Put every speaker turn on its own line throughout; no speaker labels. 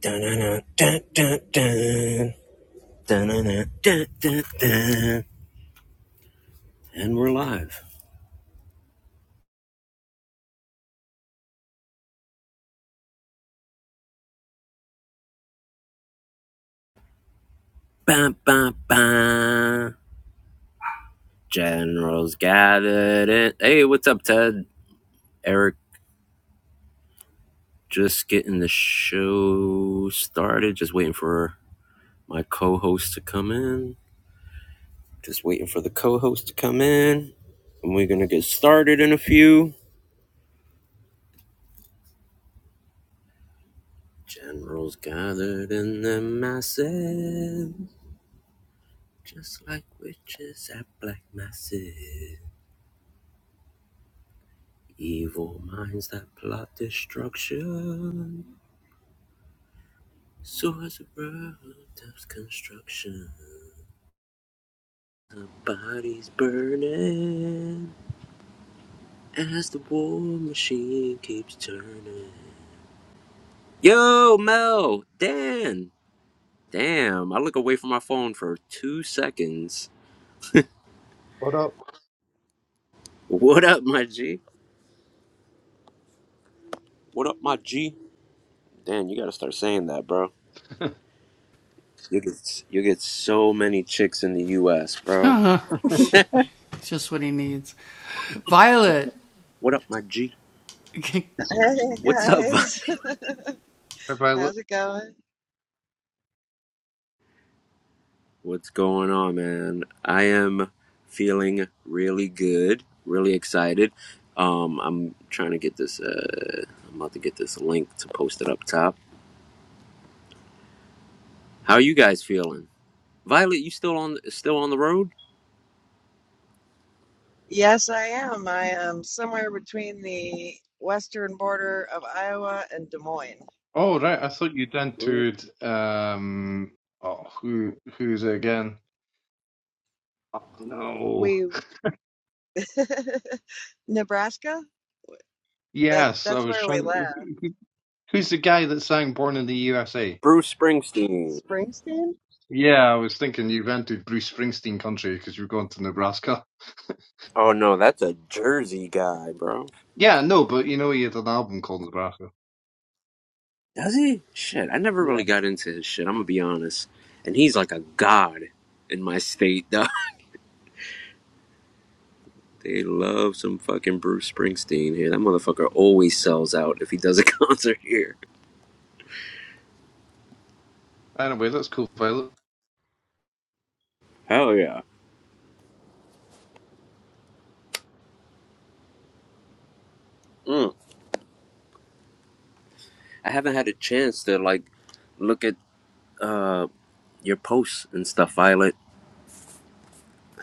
Dun-dun-dun, dun-dun-dun. dun dun dun, dun, dun, dun. And we're live. Ba, ba, ba. Generals gathered in. Hey, what's up, Ted? Eric, just getting the show started. Just waiting for my co host to come in. Just waiting for the co host to come in. And we're going to get started in a few. Generals gathered in the masses. Just like witches at black masses, evil minds that plot destruction. Swords of birth, construction, bodies burning as the war machine keeps turning. Yo, Mel, Dan, damn! I look away from my phone for two seconds.
What up?
What up, my G? What up, my G? Dan, you gotta start saying that, bro. You get you get so many chicks in the U.S., bro. What What up, my G?
Hey
What's up?
guys,
Have I look?
how's it going?
What's going on, man? I am feeling really good, really excited. Um, I'm trying to get this. Uh, I'm about to get this link to post it up top. How are you guys feeling? Violet, you still on? Still on the road?
Yes, I am. I am somewhere between the western border of Iowa and Des Moines.
Oh right, I thought you'd
Mm.
entered. Um, oh, who who's it again? Oh no.
We Nebraska? That
Yes, I
that's
was
where we
trying.
live.
who- Who's the guy that sang "Born in the USA"?
Bruce Springsteen.
Springsteen?
Yeah, I was thinking you've entered Bruce Springsteen country because you're going to Nebraska.
Oh no, that's a Jersey guy, bro.
Yeah, no, but you know he had an album called Nebraska.
Does he? Shit, I never
Yeah.
really got into his shit. I'm gonna be honest. And he's like a god in my state. They love some fucking Bruce Springsteen here. That motherfucker always sells out if he does a concert here.
Anyway, that's cool, Violet.
Hell yeah. Mm. I haven't had a chance to like look at uh your posts and stuff, Violet.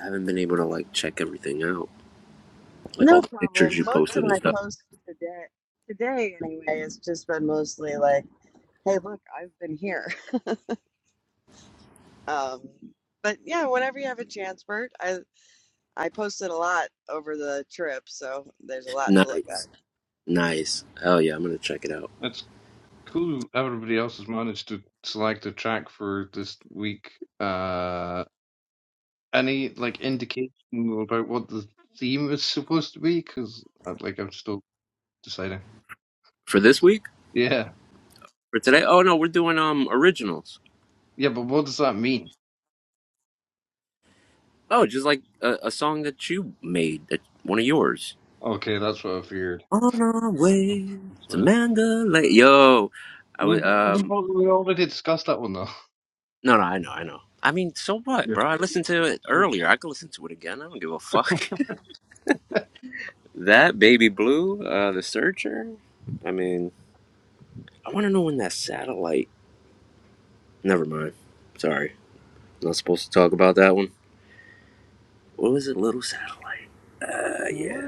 I haven't been able to like check everything out. Like all
No
the pictures
problem.
you
Most of
posted and
my
stuff.
posts today today anyway has just been mostly like, hey look, I've been here. Um but yeah, whenever you have a chance, Bert, I I posted a lot over the trip, so there's a lot to look at.
Nice. Nice. Hell yeah, I'm gonna check it out.
It's cool. Everybody else has managed to select a track for this week. Uh, any like indication about what the theme is supposed to be? Because like I'm still deciding.
For this week?
Yeah,
For today? Oh no, we're doing um originals.
yeah, but what does that mean?
Oh, just like a, a song that you made that one of yours.
Okay, that's what I feared.
On our way
That's
to
what-
Mandalay. Yo, I would.
We've we've
Um,
al- we already discussed that one though.
no, no, I know, I know. I mean, so what, bro? I listened to it
Yeah.
earlier. I could listen to it again. I don't give a fuck. that baby blue, uh, the searcher. I mean, I want to know when that satellite. Never mind. Sorry, not supposed to talk about that one. What was it, little satellite? Uh, yeah.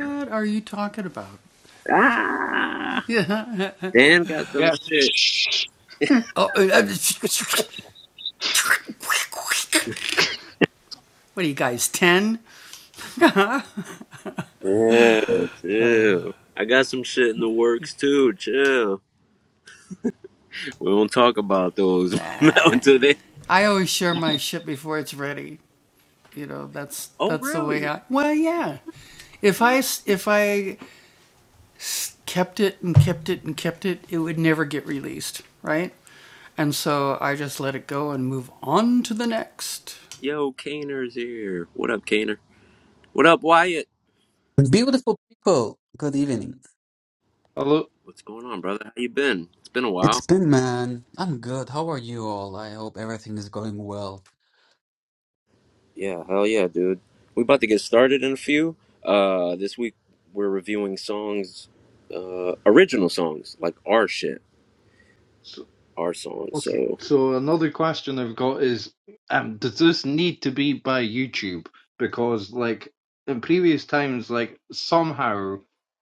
Ah, Dan got some
Yeah.
shit. Yeah, too. I got some shit in the works too. Chill. We won't talk about those now until they. Oh, really? Yo, Kaner's here. What up, Kaner? What up, Wyatt?
Beautiful people, good evening.
Hello.
What's going on, brother? How you been? It's been a
It's
while.
been man. I'm good. How are you all? I hope everything is going well.
Yeah, hell yeah, dude. We about to get started in a few. Uh, this week we're reviewing songs, uh, original songs like our shit, our songs.
Okay.
So
So another question I've got is, um, does this need to be by YouTube? Because like in previous times, like somehow,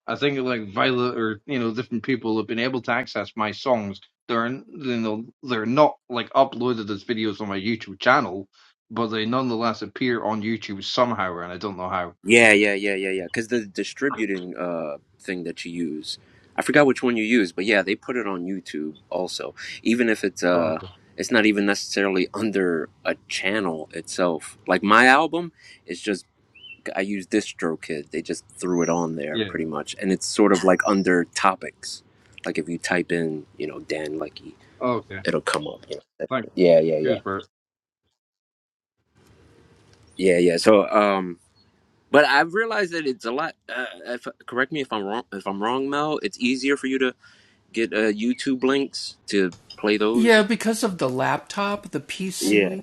I think like Violet or you know different people have been able to access my songs. They're you know they're not like uploaded as videos on my YouTube channel, but they nonetheless appear on YouTube somehow, and I don't know how.
Yeah, yeah, yeah, yeah, yeah. Because the distributing uh thing that you use, I forgot which one you use, but yeah, they put it on YouTube also. Even if it's
Oh,
uh,
okay.
it's not even necessarily under a channel itself. Like my album is just I use DistroKid. They just threw it on there
Yeah.
pretty much, and it's sort of like under topics. Like if you type in, you know, Dan Lucky,
Okay.
it'll come up. You know?
Thanks.
Yeah, yeah, yeah,
Cheers, Bert.
yeah, yeah. So um. But I've realized that it's a lot. Uh, if, correct me if I'm wrong. If I'm wrong, Mel, it's easier for you to get uh, YouTube links to play those. Yeah.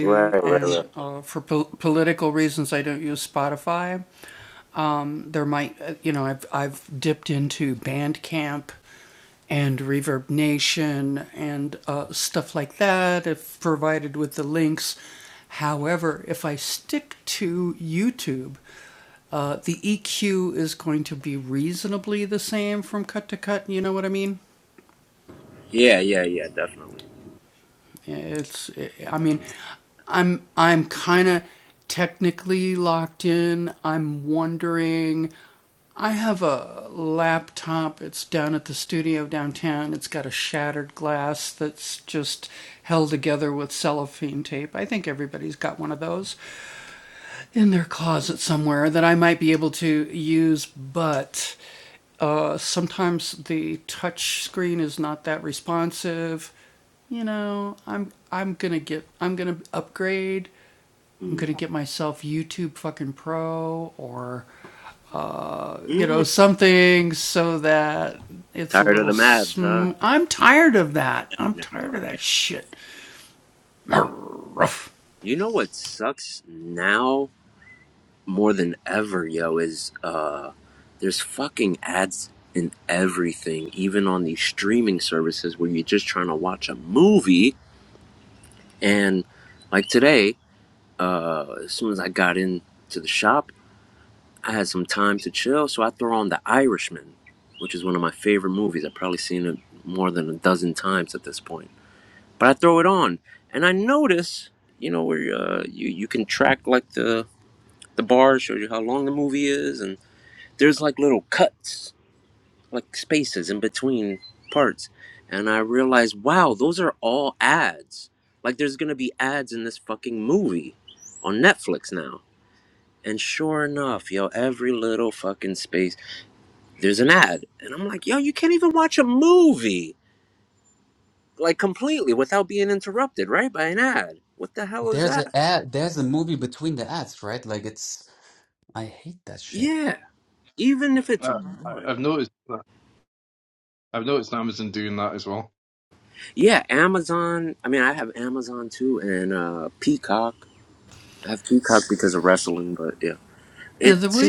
Right. Right. Right. Yeah. Yeah. Yeah. Definitely. Mm. Mm. Tired of the ads, huh? No. You know what sucks now more than ever, yo, is uh, there's fucking ads in everything, even on these streaming services where you're just trying to watch a movie and like today. Uh, as soon as I got into the shop, I had some time to chill, so I threw on The Irishman, which is one of my favorite movies. I've probably seen it more than a dozen times at this point. But I throw it on, and I notice, you know, where uh, you you can track like the the bar shows you how long the movie is, and there's like little cuts, like spaces in between parts, and I realized, wow, those are all ads. Like there's gonna be ads in this fucking movie on Netflix now And sure enough, yo, every little fucking space, there's an ad. And I'm like, yo, you can't even watch a movie, like completely without being interrupted, right? By an ad. What the hell is
There's a
that?
ad, there's a movie between the ads, right? Like it's I hate that shit.
Yeah. Even if it's
Uh, I,
one.
I've noticed that. I've noticed Amazon doing that as well.
Yeah, Amazon. I mean, I have Amazon too and uh, Peacock. I have Peacock because of wrestling, but yeah. It's,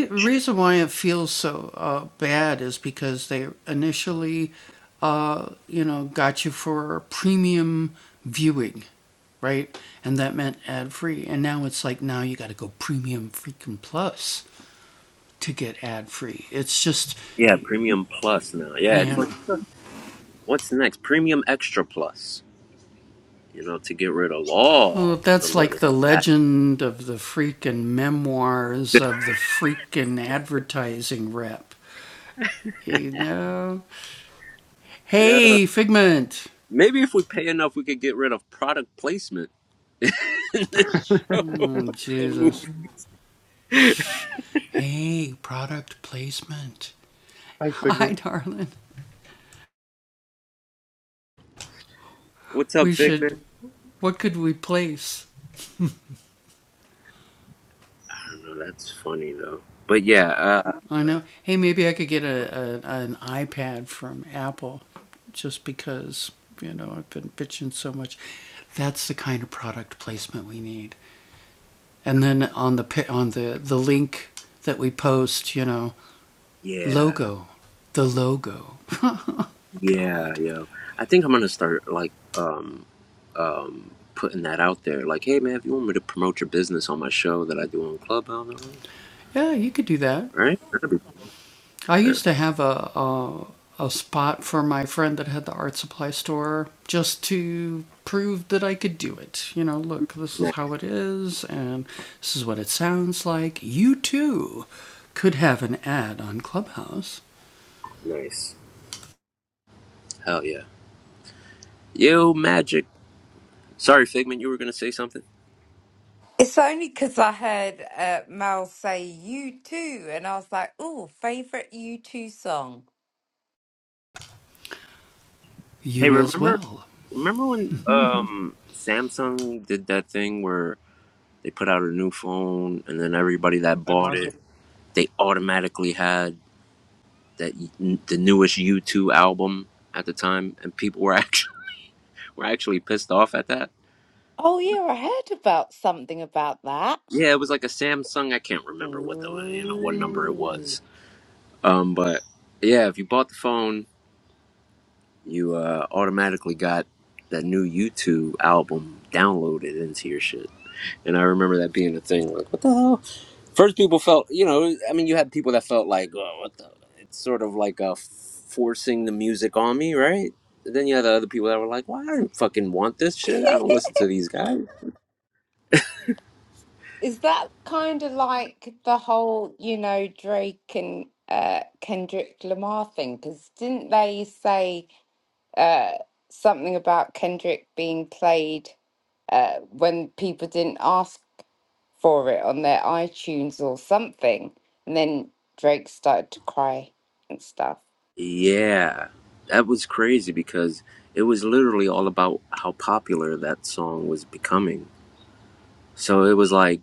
yeah, Premium Plus now. Yeah, it's like, what's next? Premium Extra Plus, you know, to get rid of all the little ads. Maybe if we pay enough, we could get rid of product placement in this show. and move-
Hi, Figment.
What's up, Figment? I don't know. That's funny though. But yeah, uh, yeah, yeah, yo. I think I'm gonna start like um, um, putting that out there. Like, hey, man, if you want me to promote your business on my show that I do on Clubhouse, all right? That'd be cool. yeah. Nice, nice. Hell yeah. Yo, magic. Sorry, Figment, you were gonna say something.
It's only because I heard uh, Mel say "You Too," and I was like, "Oh, favorite You Too song."
Hey, remember remember when um Samsung did that thing where they put out a new phone and then everybody that bought
Imagine.
it, they automatically had that y- the newest U2 album at the time and people were actually were actually pissed off at that.
Oh, yeah, I heard about something about that.
Yeah, it was like a Samsung, I can't remember what the you know what number it
Ooh.
was. Um but yeah, if you bought the phone, you uh automatically got that new U2 album downloaded into your shit. And I remember that being a thing like what the hell? First, people felt, you know, I mean, you had people that felt like, oh, what the? It's sort of like uh, forcing the music on me, right? Then you had the other people that were like, well, I don't fucking want this shit. I don't listen to these guys.
Is that kind of like the whole, you know, Drake and uh, Kendrick Lamar thing? Because didn't they say uh, something about Kendrick being played uh, when people didn't ask for it on their iTunes or something. And then Drake started to cry and stuff.
Yeah, that was crazy because it was literally all about how popular that song was becoming. So it was like,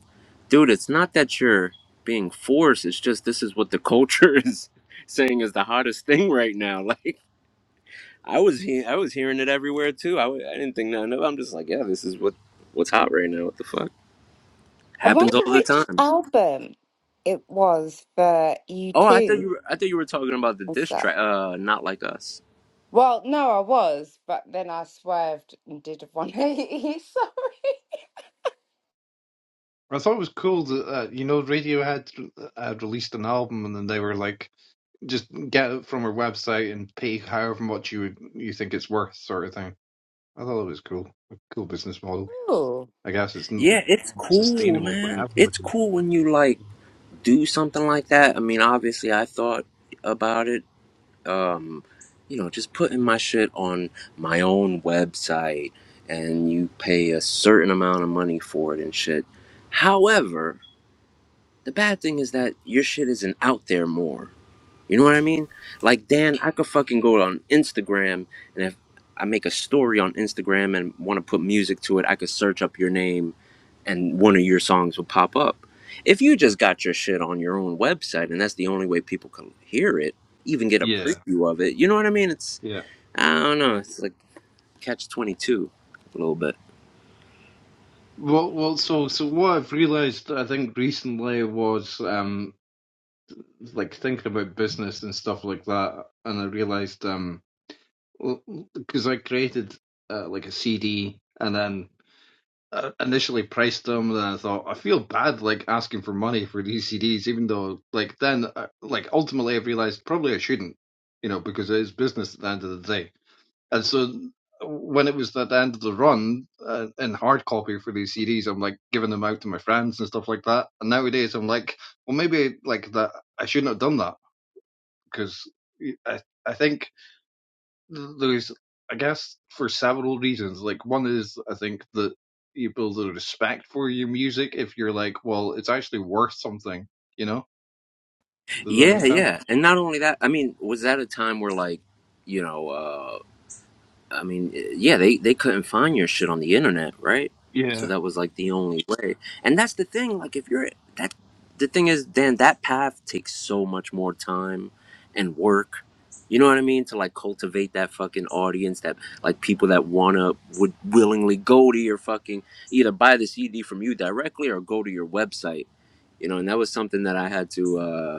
dude, it's not that you're being forced. It's just this is what the culture is saying is the hottest thing right now. Like. I was he- I was hearing it everywhere too. I w- I didn't think nothing of. it. I'm just like, yeah, this is what what's hot right now. What the fuck
I
happens
wonder
all the
which
time.
album it was for you
Oh, I thought
two
you were I thought you were talking about the
and
diss
stuff.
track. Uh, not like us.
Well, no, I was, but then I swerved and did a 180. Sorry.
I thought it was cool that uh, you know Radiohead uh, released an album and then they were like, just get it from our website and pay however much you you think it's worth, sort of thing. I thought it was cool, a cool business model.
Oh.
I guess it's n-
Yeah, it's cool,
sustainable for
man. It's
everybody.
cool when you like do something like that. I mean, obviously, I thought about it. mm, You know, just putting my shit on my own website, and you pay a certain amount of money for it and shit. However, the bad thing is that your shit isn't out there more. You know what I mean? Like Dan, I could fucking go on Instagram and if I make a story on Instagram and want to put music to it, I could search up your name and one of your songs would pop up. If you just got your shit on your own website and that's the only way people can hear it, even get a
Yeah,
preview of it, you know what I mean? It's
yeah.
I don't know, it's like catch 22 a little bit.
Well, well. So, so what I've realized, I think recently was um like thinking about business and stuff like that, and I realized um because I created uh, like a CD and then I initially priced them, and I thought I feel bad like asking for money for these CDs, even though like then uh, like ultimately I realized probably I shouldn't, you know, because it is business at the end of the day. And so when it was at the end of the run uh, in hard copy for these CDs, I'm like giving them out to my friends and stuff like that. And nowadays I'm like, well, maybe like that I shouldn't have done that because I I think there's I guess for several reasons. Like one is I think that you build a respect for your music if you're like, well, it's actually worth something. You know? Does that
Yeah,
make sense?
yeah. And not only that, I mean, was that a time where like, you know, uh, I mean, eh, yeah, they they couldn't find your shit on the internet, right? So
Yeah.
that was like the only way. And that's the thing. Like, if you're that, the thing is, Dan, that path takes so much more time and work. You know what I mean? To like cultivate that fucking audience, that like people that wanna would willingly go to your fucking either buy the CD from you directly or go to your website. You know, and that was something that I had to. uh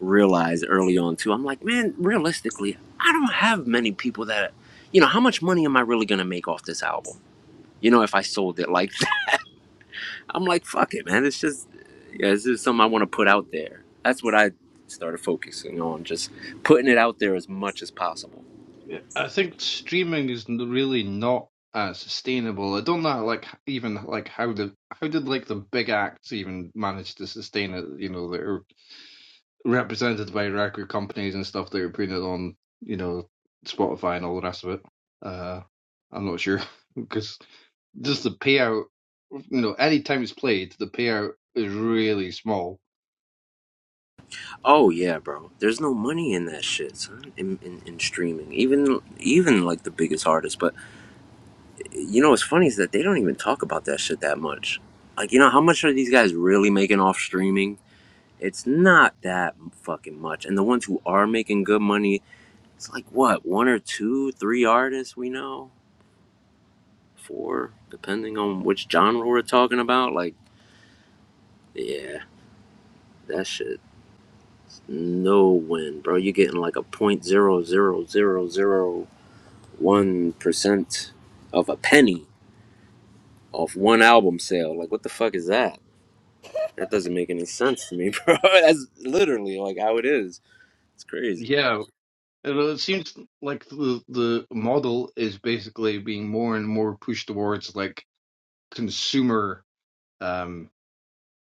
realize early on too. I'm like, man, realistically, I don't have many people that, you know, how much money am I really gonna make off this album? You know, if I sold it like, that. I'm like, fuck it, man. It's just, yeah, this is something I want to put out there. That's what I started focusing on, just putting it out there as much as possible.
Yeah. I think streaming is n- really not uh, sustainable. I don't know, like even like how the how did like the big acts even manage to sustain it? You know, they're represented by record companies and stuff. They're putting it on, you know, Spotify and all the rest of it. Uh, I'm not sure because just the payout, you know, any time it's played, the payout is really small.
Oh yeah, bro. There's no money in that shit, son. In, in, in streaming, even even like the biggest artists. But you know what's funny is that they don't even talk about that shit that much. Like you know how much are these guys really making off streaming? It's not that fucking much. And the ones who are making good money, it's like what, one or two, three artists we know? Four, depending on which genre we're talking about. Like, yeah, that shit, no win, bro. You're getting like a zero point zero zero zero zero one percent of a penny off one album sale. Like, what the fuck is that? That doesn't make any sense to me, bro. That's literally like how it is. It's crazy.
Yeah, and it seems like the the model is basically being more and more pushed towards like consumer, um,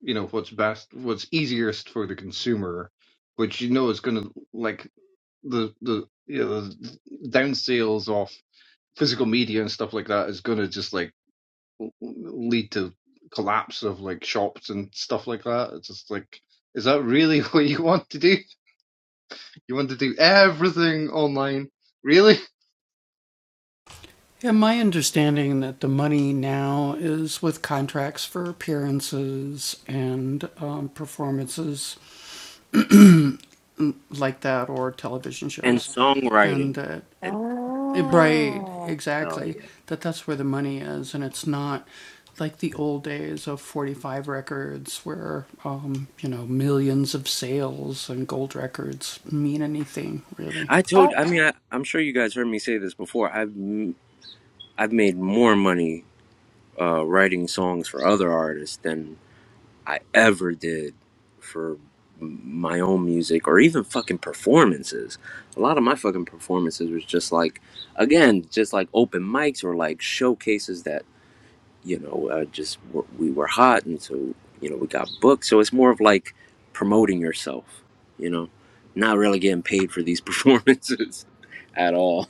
you know, what's best, what's easiest for the consumer, which you know is going to like the the you know the down sales of physical media and stuff like that is going to just like lead to collapse of like shops and stuff like that. It's just like, is that really what you want to do? You want to do everything online? Really?
And songwriting. And songwriting.
Ah.
Hell yeah. I
I,
told. I mean, I, I'm sure you guys heard me say this before. I've m- I've made more money uh, writing songs for other artists than I ever did for m- my own music or even fucking performances. A lot of my fucking performances was just like, again, just like open mics or like showcases that you know uh, just were, we were hot and so you know we got booked. So it's more of like promoting yourself, you know, not really getting paid for these performances at all.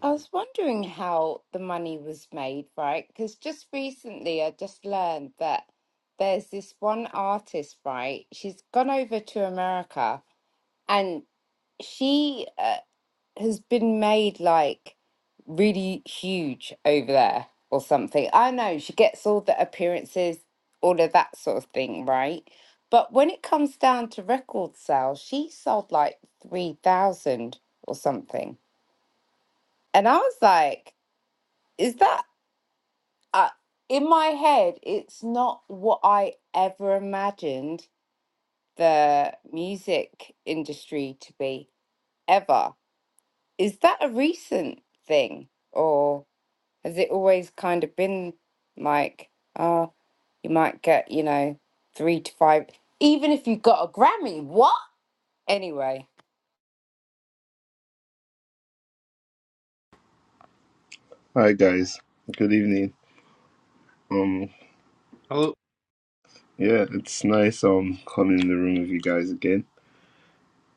I was wondering how the money was made, right? Because just recently I just learned that there's this one artist, right? She's gone over to America and she uh, has been made like really huge over there or something. I know she gets all the appearances, all of that sort of thing, right? But when it comes down to record sales, she sold like 3,000 or something. And I was like, is that uh, in my head? It's not what I ever imagined the music industry to be, ever Is that a recent thing, or has it always kind of been like, oh, you might get, you know, three to five, even if you got a Grammy? What? Anyway,
Hi guys, good evening. Um,
Hello?
yeah, it's nice um coming in the room with you guys again.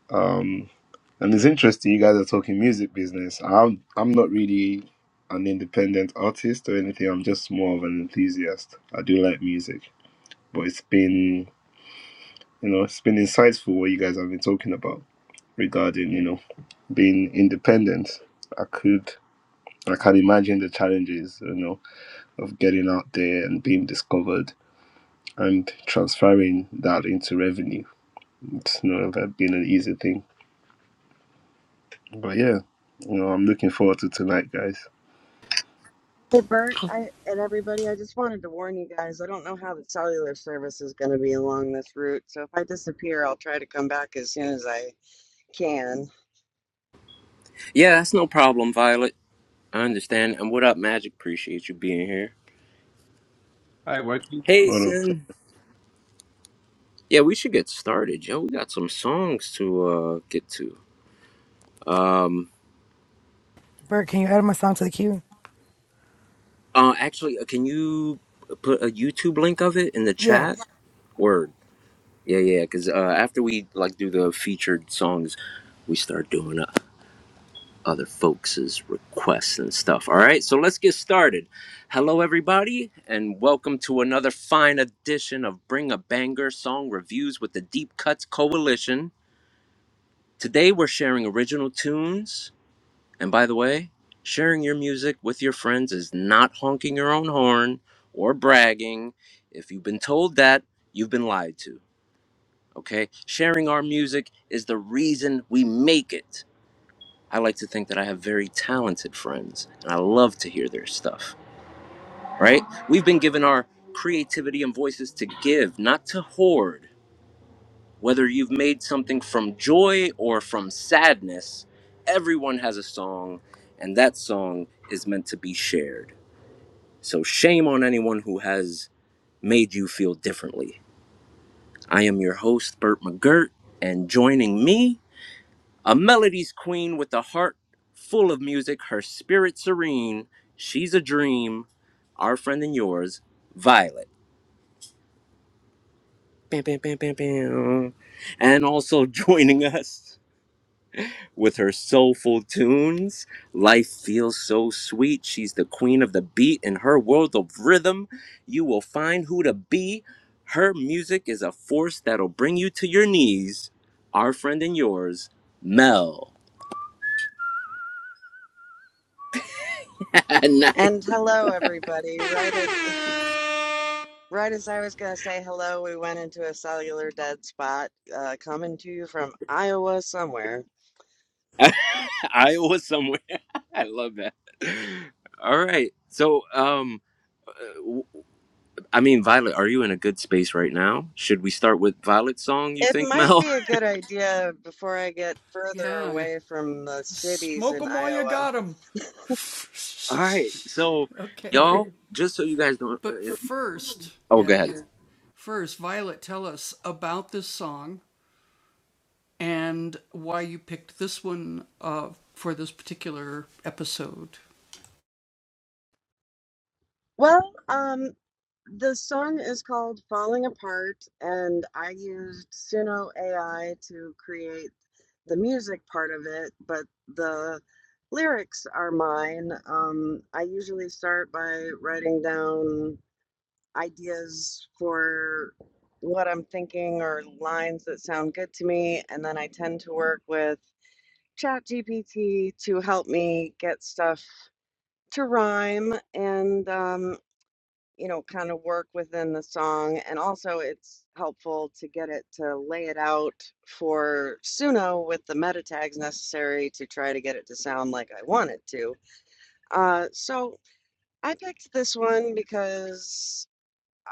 Um, and it's interesting you guys are talking music business. I'm I'm not really an independent artist or anything. I'm just more of an enthusiast. I do like music, but it's been you know it's been insightful what you guys have been talking about regarding you know being independent. I could I can imagine the challenges you know of getting out there and being discovered and transferring that into revenue. It's not that been an easy thing. But yeah, you know, I'm looking forward to tonight, guys.
Hey Bert, I and everybody, I just wanted to warn you guys. I don't know how the cellular service is going to be along this route, so if I disappear, I'll try to come back as soon as I can.
Yeah, that's no problem, Violet. I understand. And what up, Magic? Appreciate you being here.
Hi, working.
Hey,
What up?
Sin. Yeah, we should get started, yo. We got some songs to uh get to. Um,
Bert, can you add my song to the queue?
uh, actually, uh, can you put a YouTube link of it in the
Yeah.
chat? Word. Yeah, yeah. Because uh, after we like do the featured songs, we start doing it. other folks' requests and stuff. All right, so let's get started. Hello, everybody, and welcome to another fine edition of Bring a Banger Song Reviews with the Deep Cuts Coalition. Today, we're sharing original tunes. And by the way, sharing your music with your friends is not honking your own horn or bragging. If you've been told that, you've been lied to. Okay? Sharing our music is the reason we make it. I like to think that I have very talented friends, and I love to hear their stuff, right? We've been given our creativity and voices to give, not to hoard. Whether you've made something from joy or from sadness, everyone has a song, and that song is meant to be shared. So, shame on anyone who has made you feel differently. I am your host, Burt McGirt, and joining me A melody's queen with a heart full of music, her spirit serene. She's a dream, our friend and yours, Violet. Bam, bam, bam, bam, bam. And also joining us with her soulful tunes. Life feels so sweet. She's the queen of the beat. In her world of rhythm, you will find who to be. Her music is a force that'll bring you to your knees. Our friend and yours, Mel.
And hello, everybody. Right as right as I was going to say hello, we went into a cellular dead spot, uh, coming to you from Iowa somewhere.
Iowa somewhere. I love that. All right. So, um, w- I mean, Violet, are you in a good space right now? Should we start with Violet's song? You
It
think,
might
Mel?
be a good idea before I get further away from the cities in Iowa.
All right. So, y'all, just so you guys don't. Uh, if- oh, go ahead.
Well, um, The song is called Falling Apart, and I used Suno AI to create the music part of it, but the lyrics are mine. Um, I usually start by writing down ideas for what I'm thinking or lines that sound good to me, and then I tend to work with ChatGPT to help me get stuff to rhyme. And um, you know, kind of work within the song. And also, it's helpful to get it to lay it out for Suno with the meta tags necessary to try to get it to sound like I want it to. Uh, so I picked this one because,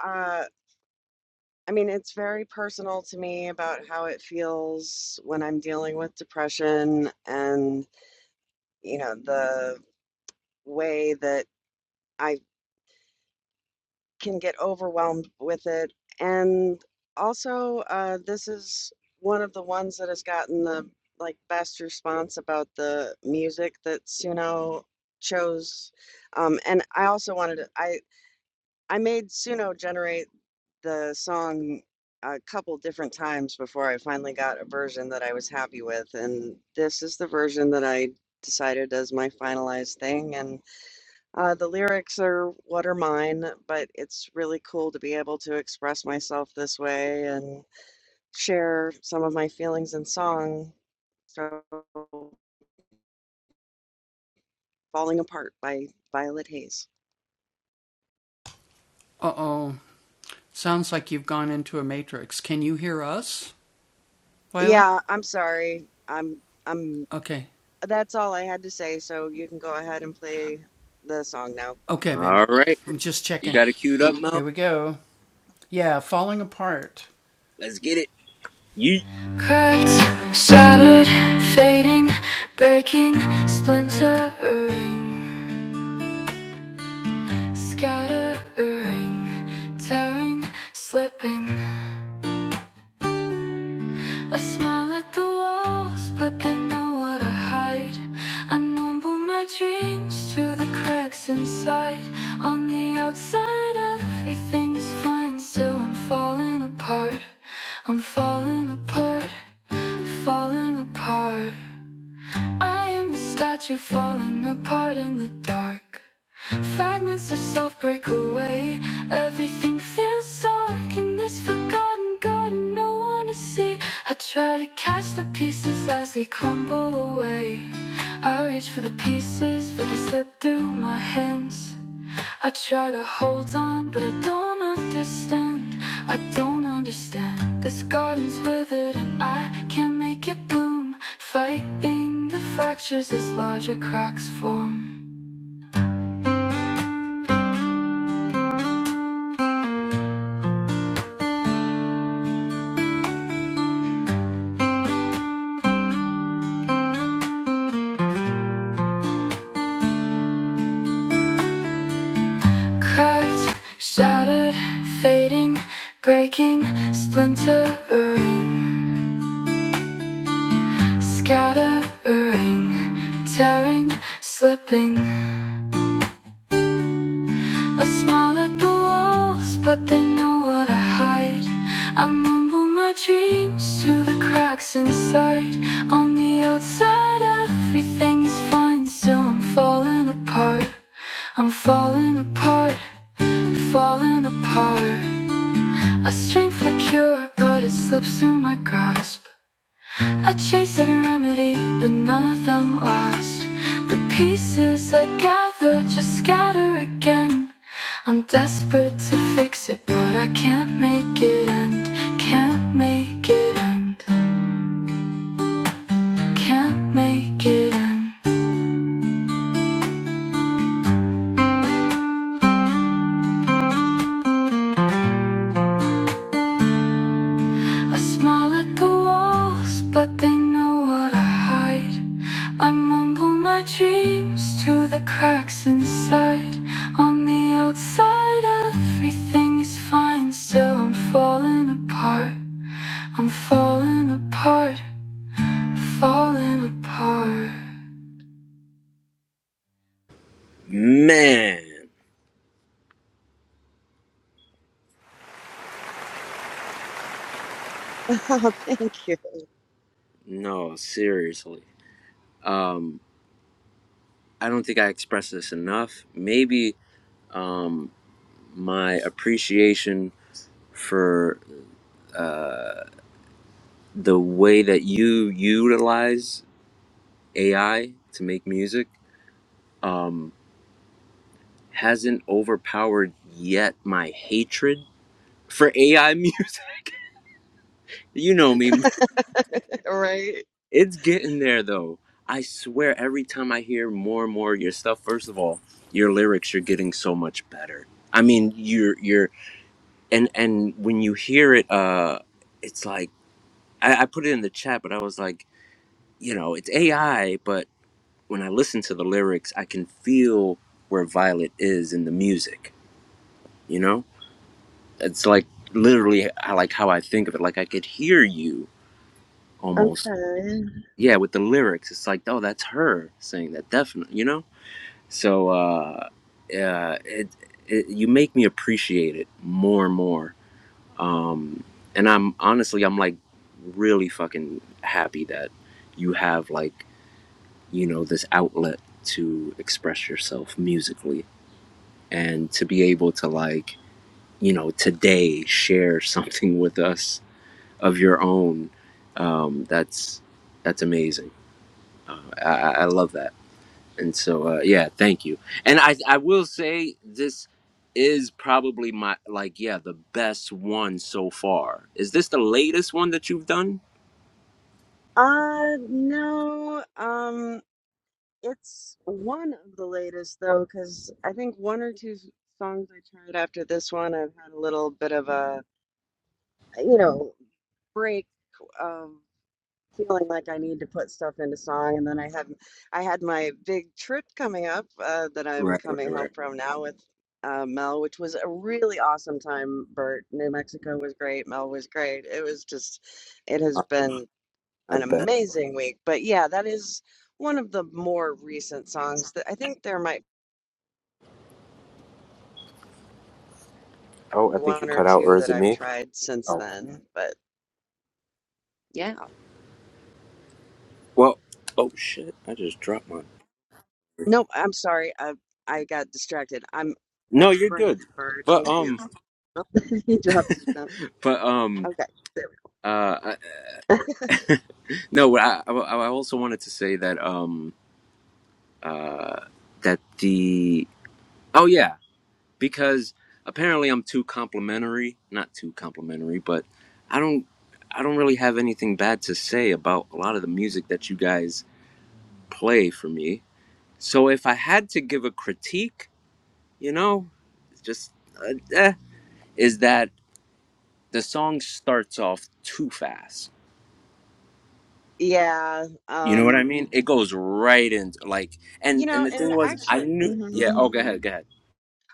uh, I mean, it's very personal to me about how it feels when I'm dealing with depression and, you know, the way that. I. can get overwhelmed with it. And also, uh, this is one of the ones that has gotten the like best response about the music that Suno chose. Um, and I also wanted to, I I made Suno generate the song a couple different times before I finally got a version that I was happy with. And this is the version that I decided as my finalized thing. And uh, the lyrics are what are mine, but it's really cool to be able to express myself this way and share some of my feelings in song. So, Falling Apart by Violet Hayes. Yeah, I'm sorry. I'm, I'm, that's all I had to say. So you can go ahead and play the song now.
All right. You got it queued up, Mel. Let's get it. You
Cracks, shattered, fading, breaking, splintering, scattering, tearing, slipping. I smile at the walls, but they know what I hide. I numble my dreams to the cracks inside. On the outside, everything's fine, still I'm falling apart. I'm falling apart, falling apart. I am a statue falling apart in the dark. Fragments of self break away. Everything feels dark in this forgotten garden. No one to see. I try to catch the pieces as they crumble away. I reach for the pieces, but they slip through my hands. I try to hold on, but I don't understand. I don't understand. This garden's withered and I can't make it bloom. Fighting the fractures as larger cracks form. Cracked, shattered, fading, breaking, splintering, scattering, tearing, slipping, A smile at the walls, but they know what I hide. I mumble my dreams through the cracks inside. On the outside, everything's fine, still I'm falling apart. I'm falling apart, falling apart. A strength like cure, but it slips through my grasp. I chased a remedy, but none of them last. The pieces I gather just scatter again. I'm desperate to fix it, but I can't make it end. Can't make it end. Can't make it end. I smile at the walls, but they know what I hide. I mumble my dreams to the cracks inside. On the outside, everything is fine. Still, I'm falling apart. I'm falling apart. Falling apart.
man.
Oh, thank you.
No, seriously. Um, I don't think I expressed this enough. Maybe um, my appreciation for the way that you utilize AI to make music um, hasn't overpowered yet my hatred for AI music. You know me.
Right?
It's getting there though. I swear every time I hear more and more of your stuff, first of all, your lyrics are getting so much better. I mean, you're you're and and when you hear it, uh, it's like I, I put it in the chat, but I was like, you know, it's AI, but. when I listen to the lyrics, I can feel where Violet is in the music. You know, it's like literally, I like how I think of it. Like I could hear you almost.
Okay.
Yeah, with the lyrics, it's like, oh, that's her saying that, definitely. You know, so uh, uh, it, it you make me appreciate it more and more. Um, and I'm honestly, I'm like really fucking happy that you have like you know this outlet to express yourself musically and to be able to like you know today share something with us of your own um, that's that's amazing uh, I, I I love that and so uh, yeah thank you and I, I will say this is probably my like yeah the best one so far is this the latest one that you've done
Uh, no. Um, It's one of the latest though, because I think one or two s- songs I tried after this one, I've had a little bit of a, you know, break of feeling like I need to put stuff into song. And then I have, I had my big trip coming up uh, that I'm
right
coming
right right
home from now with uh, Mel, which was a really awesome time. Bert, New Mexico was great. Mel was great. It was just, it has
i,
been
I
an
bet
amazing week. But yeah, that is one of the more recent songs that I think there might.
oh i think you
one or
cut out
two
or is
that
it
I've
me
tried since
oh
then, but yeah.
well oh shit i just dropped my
Nope, I'm sorry. I I got distracted. I'm
no
that's
you're
great,
good
Bird.
but
Thank you.
um
he dropped his belt.
but um
Okay. There
uh
we go.
no I, I I also wanted to say that um uh that the oh yeah because apparently I'm too complimentary not too complimentary but I don't I don't really have anything bad to say about a lot of the music that you guys play for me so if I had to give a critique you know just uh, eh, is that the song starts off too fast
yeah.
You know what I
Um
mean? It goes right into like
you
and and
know,
the
and
thing
it
was I
actually
knew yeah,
mhm.
oh go ahead, go ahead.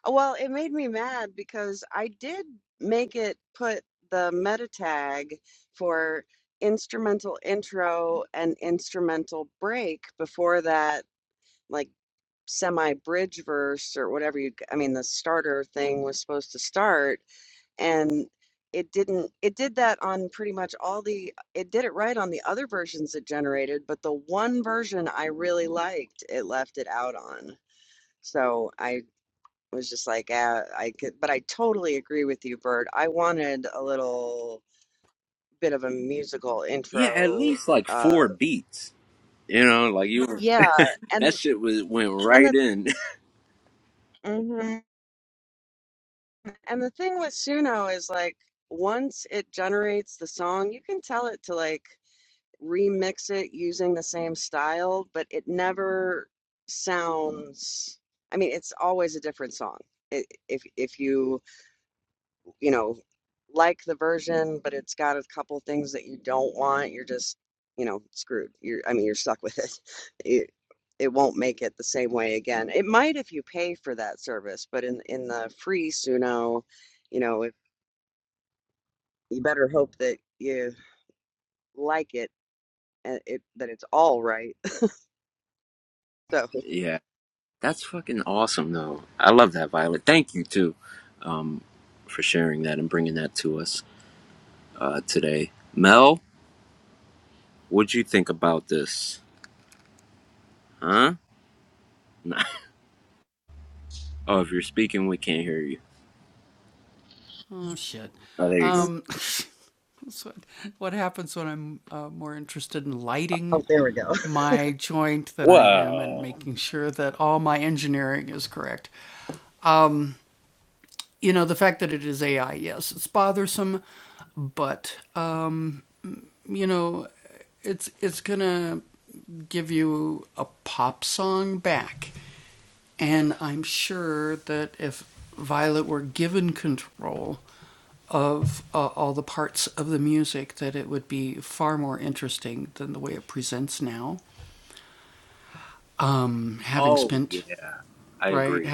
well, it made me mad because I did make it put the meta tag for instrumental intro and instrumental break before that like. semi bridge verse or whatever you I mean the starter thing was supposed to start and it didn't it did that on pretty much all the it did it right on the other versions it generated but the one version I really liked it left it out on so I was just like ah, I could but I totally agree with you Bird I wanted a little bit of a musical
Yeah, at
intro
least like
uh
four beats. You know, like you were-
yeah and
that shit was went
and
right
that's
in.
mhm. And the thing with Suno is like once it generates the song, you can tell it to like remix it using the same style, but it never sounds I mean, it's always a different song. I if if you, you know, like the version, but it's got a couple things that you don't want, you're just, you know, screwed. You're I mean, you're stuck with it. It it won't make it the same way again. It might if you pay for that service, but in in the free Suno, you know, you better hope that you like it and it that it's all right. So,
yeah. That's fucking awesome though. I love that Violet. Thank you too um for sharing that and bringing that to us uh today. Mel, what'd you think about this? Huh? Nah. Oh, if you're speaking, we can't hear you. Oh, there you go.
oh, there we go.
Whoa. Oh yeah, I agree.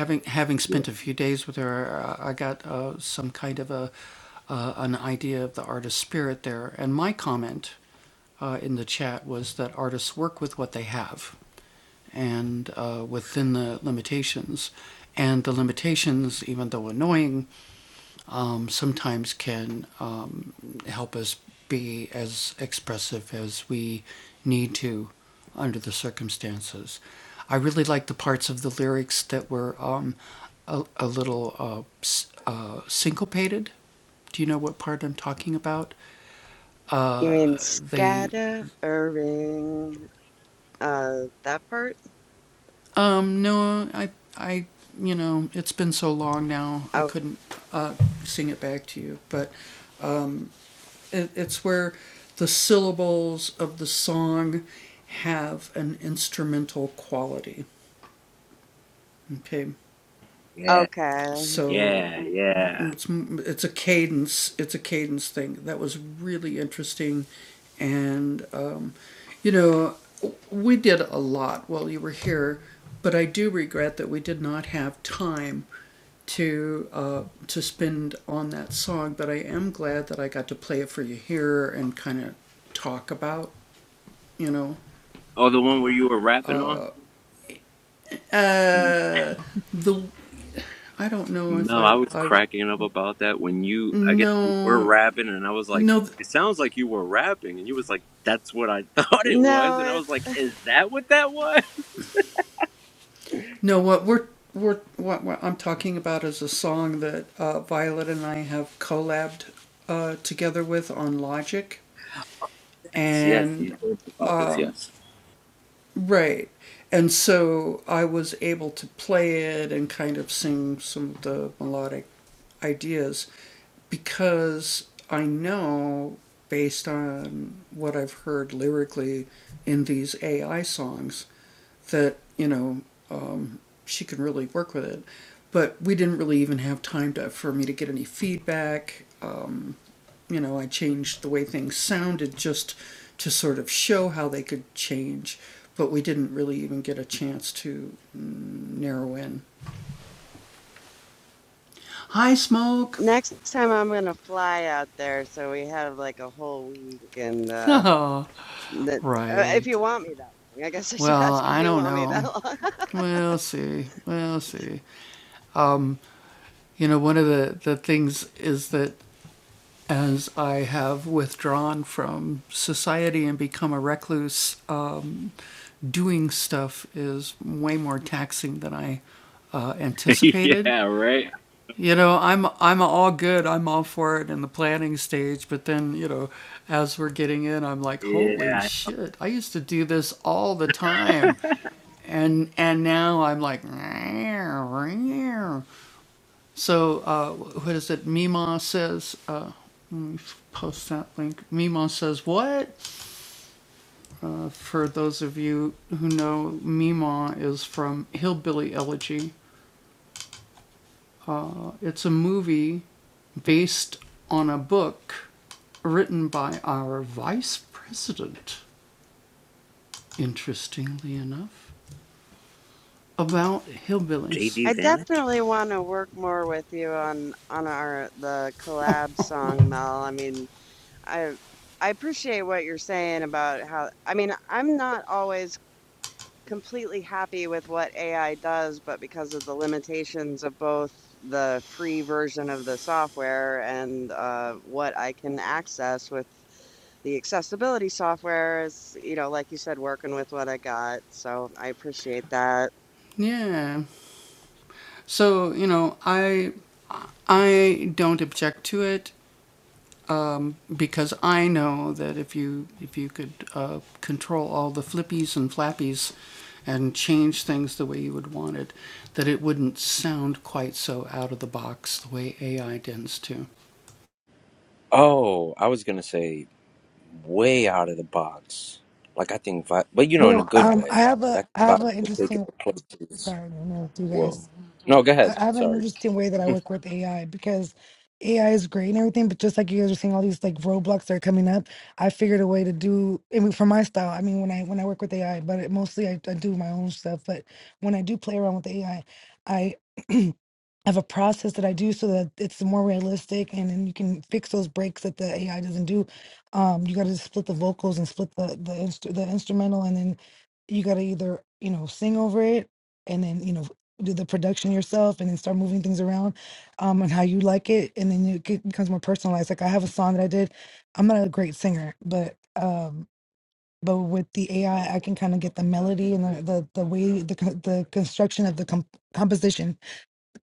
You mean scattering? Uh, that part? Oh,
Yeah.
okay.
Yeah, yeah. Oh, the one where you were rapping on? Mm. No, I was cracking up about that when you, I guess you were rapping, and I was like, it sounds like you were rapping, and you was like, that's what I thought it was,
No,
and I
it,
was like, is that what that was? Yes, you told me about this. Yes.
next time I'm gonna fly out there, so we have like a whole week, and uh, that, uh, if you want me that long, I guess I should ask if you want me that long.
yeah. Right. Yeah.
I
JD Van.
definitely want to work more with you on on our the collab
What?
song, Mel. I mean. I I appreciate what you're saying about how, I mean, I'm not always completely happy with what AI does, but because of the limitations of both the free version of the software and uh, what I can access with the accessibility software is, you know, like you said, working with what I got. So I appreciate that.
Oh, I was gonna say way out of the box. Like I think, Vi- but you know, in a
Well,
good
um,
way.
I have
Like I
a
think
I have
Vi
an
will take it
interesting
to places.
sorry, I don't know if you
Whoa.
guys.
No, go
I
ahead.
I have an
Sorry.
interesting way that I work with AI because AI is great and everything, but just like you guys are seeing all these like roadblocks that are coming up, I figured a way to do. I mean, for my style, I mean when I when I work with AI, but it, mostly I, I do my own stuff. But when I do play around with AI, I I I have a process that I do so that it's more realistic and then you can fix those breaks that the AI doesn't do. Um, you got to split the vocals and split the the, instru- the instrumental and then you got to either, you know, sing over it and then, you know, do the production yourself and then start moving things around um, and how you like it. And then it get- becomes more personalized. Like I have a song that I did. I'm not a great singer, but um, but with the AI, I I can kind of get the melody and the, the, the way, the, co- the construction of the comp- composition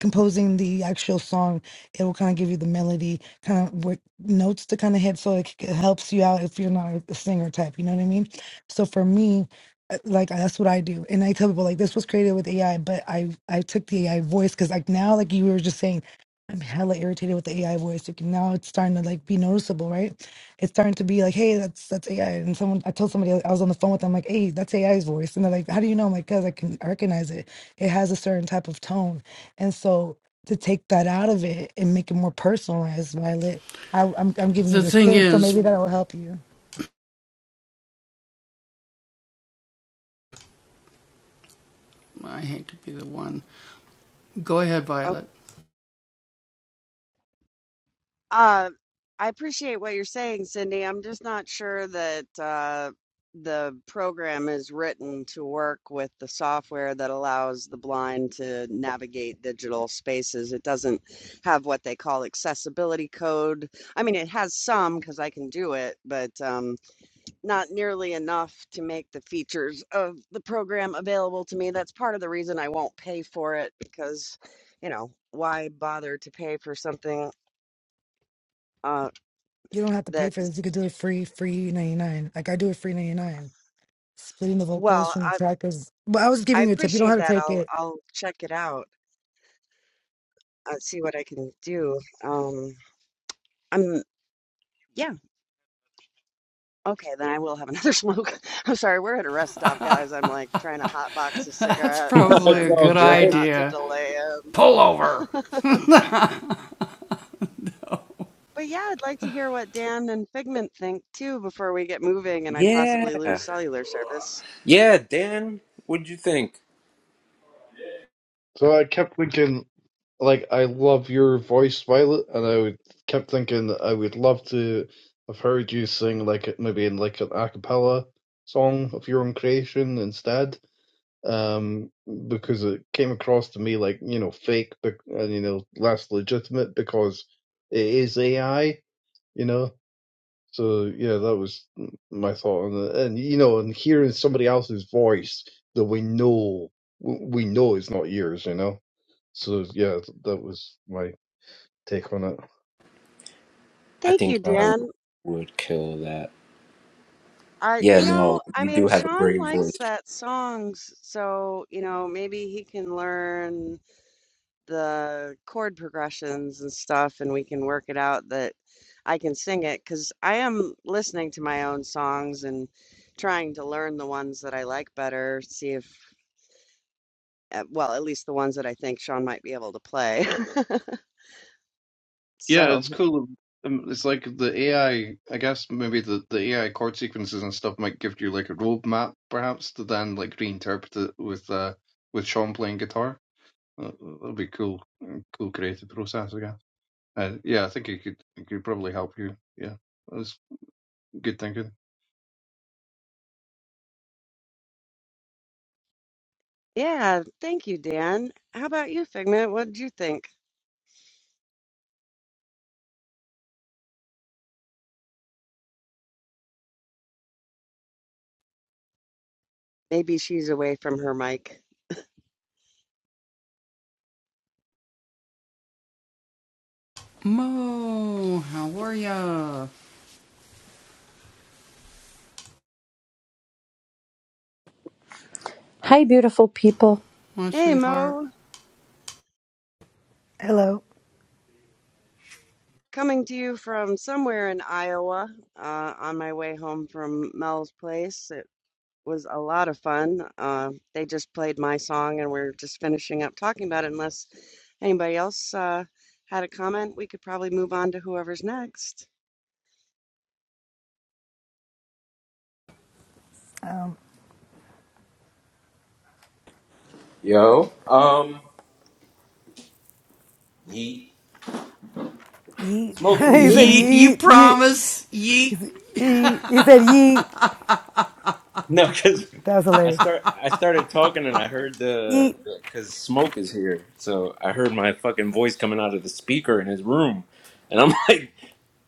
composing the actual song, it will kind of give you the melody, kind of what notes to kind of hit, so it, c- it helps you out if you're not a singer type. You know what I mean? So for me, uh, like that's what I do, and I tell people like this was created with AI, but I I took the AI voice because like now like you were just saying. I'm hella irritated with the AI voice. You can, now it's starting to like be noticeable, right? It's starting to be like, hey, that's that's AI. And someone, I told somebody I was on the phone with them, like, hey, that's AI's voice, and they're like, how do you know? I'm like, cause I can recognize it. It has a certain type of tone and so to take that out of it and make it more personalized, Violet, I, I'm I'm giving you this tip, so maybe that'll help you.
Uh, I appreciate what you're saying, Cindy. I'm just not sure that uh, the program is written to work with the software that allows the blind to navigate digital spaces. It doesn't have what they call accessibility code. I mean, it has some because I can do it, but um, not nearly enough to make the features of the program available to me. That's part of the reason I won't pay for it because, you know, why bother to pay for something? Uh,
You don't have to pay
that
for this. You could do it free, free ninety nine. Like I do it free ninety nine. Splitting the vocals
Well,
from the
I
track is. But I was
I
giving you a tip. You don't
appreciate
have to
that.
take
I'll
it.
I'll check it out. Uh, see what I can do. Um, I'm yeah, okay, then I will have another smoke. I'm sorry, we're at a rest stop, guys. I'm like trying to hot box a cigarette because
it's
I'm
all
trying
good.
not to delay him. But yeah, I'd like to hear what Dan and Figment think too before we get moving and I possibly
Yeah.
lose cellular service.
Yeah, Dan, what'd you think?
So I kept thinking, like, I love your voice, Violet, and I would, kept thinking that I would love to have heard you sing, like, maybe in like an a cappella song of your own creation instead. um, because it came across to me like you know fake, and you know less legitimate because it is AI, you know. So yeah, that was my thought on it, and you know, and hearing somebody else's voice that we know we know is not yours, you know. So yeah, that was my take on it.
I
Thank
think
you,
John
Dan.
would kill that.
I, you
Yeah,
know,
no,
I
you do
mean,
have a
Sean
great voice.
likes that songs, so, you know, maybe he can learn. the chord progressions and stuff and we can work it out that I can sing it because I am listening to my own songs and trying to learn the ones that I like better, see if, uh, well, at least the ones that I think Sean might be able to play.
Yeah,
So,
it's cool. Um, It's like the AI, I I guess maybe the, the AI chord sequences and stuff might give you like a roadmap perhaps to then like reinterpret it with uh with Sean playing guitar. That- That'll be cool, uh, cool creative process, I guess. Uh, yeah, I think it could it could probably help you. Yeah, that's good thinking.
yeah, thank you, Dan. How about you, Figment? What did you think? Maybe she's away from her mic.
Hi, beautiful people.
Hey, Mo,
Hello.
coming to you from somewhere in Iowa, uh, on my way home from Mel's place. was a lot of fun. Uh, they just played my song, and we're just finishing up talking about it. Unless anybody else uh, had a comment, we could probably move on to whoever's next.
Yo. Um he
Yeet. he said yeet, yeet, yeet. He said yeet.
No, cause
That was
I
hilarious.
start I started talking and I heard the,
Yeet.
the cause smoke is here. So I heard my fucking voice coming out of the speaker in his room. And I'm like,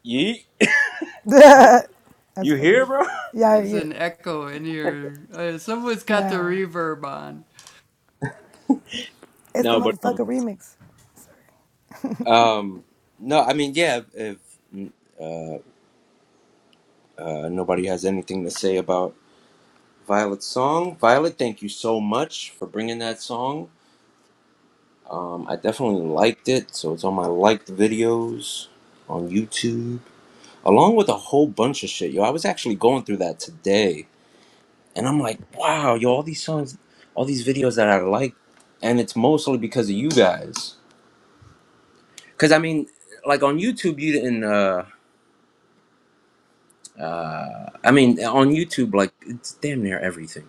Yeet,
That's
you
funny.
here, bro?
Yeah, yeah. No. It's the
No, but um,
motherfucker remix.
um no, I mean yeah, if, uh. Uh, nobody has anything to say about Violet's song. Violet, thank you so much for bringing that song. Um, I definitely liked it, so it's on my liked videos on YouTube, along with a whole bunch of shit. Yo, I was actually going through that today, and I'm like, wow, yo, all these songs, all these videos that I like, and it's mostly because of you guys. Because I mean, like on YouTube, you didn't. Uh, uh, I mean, on YouTube, like it's damn near everything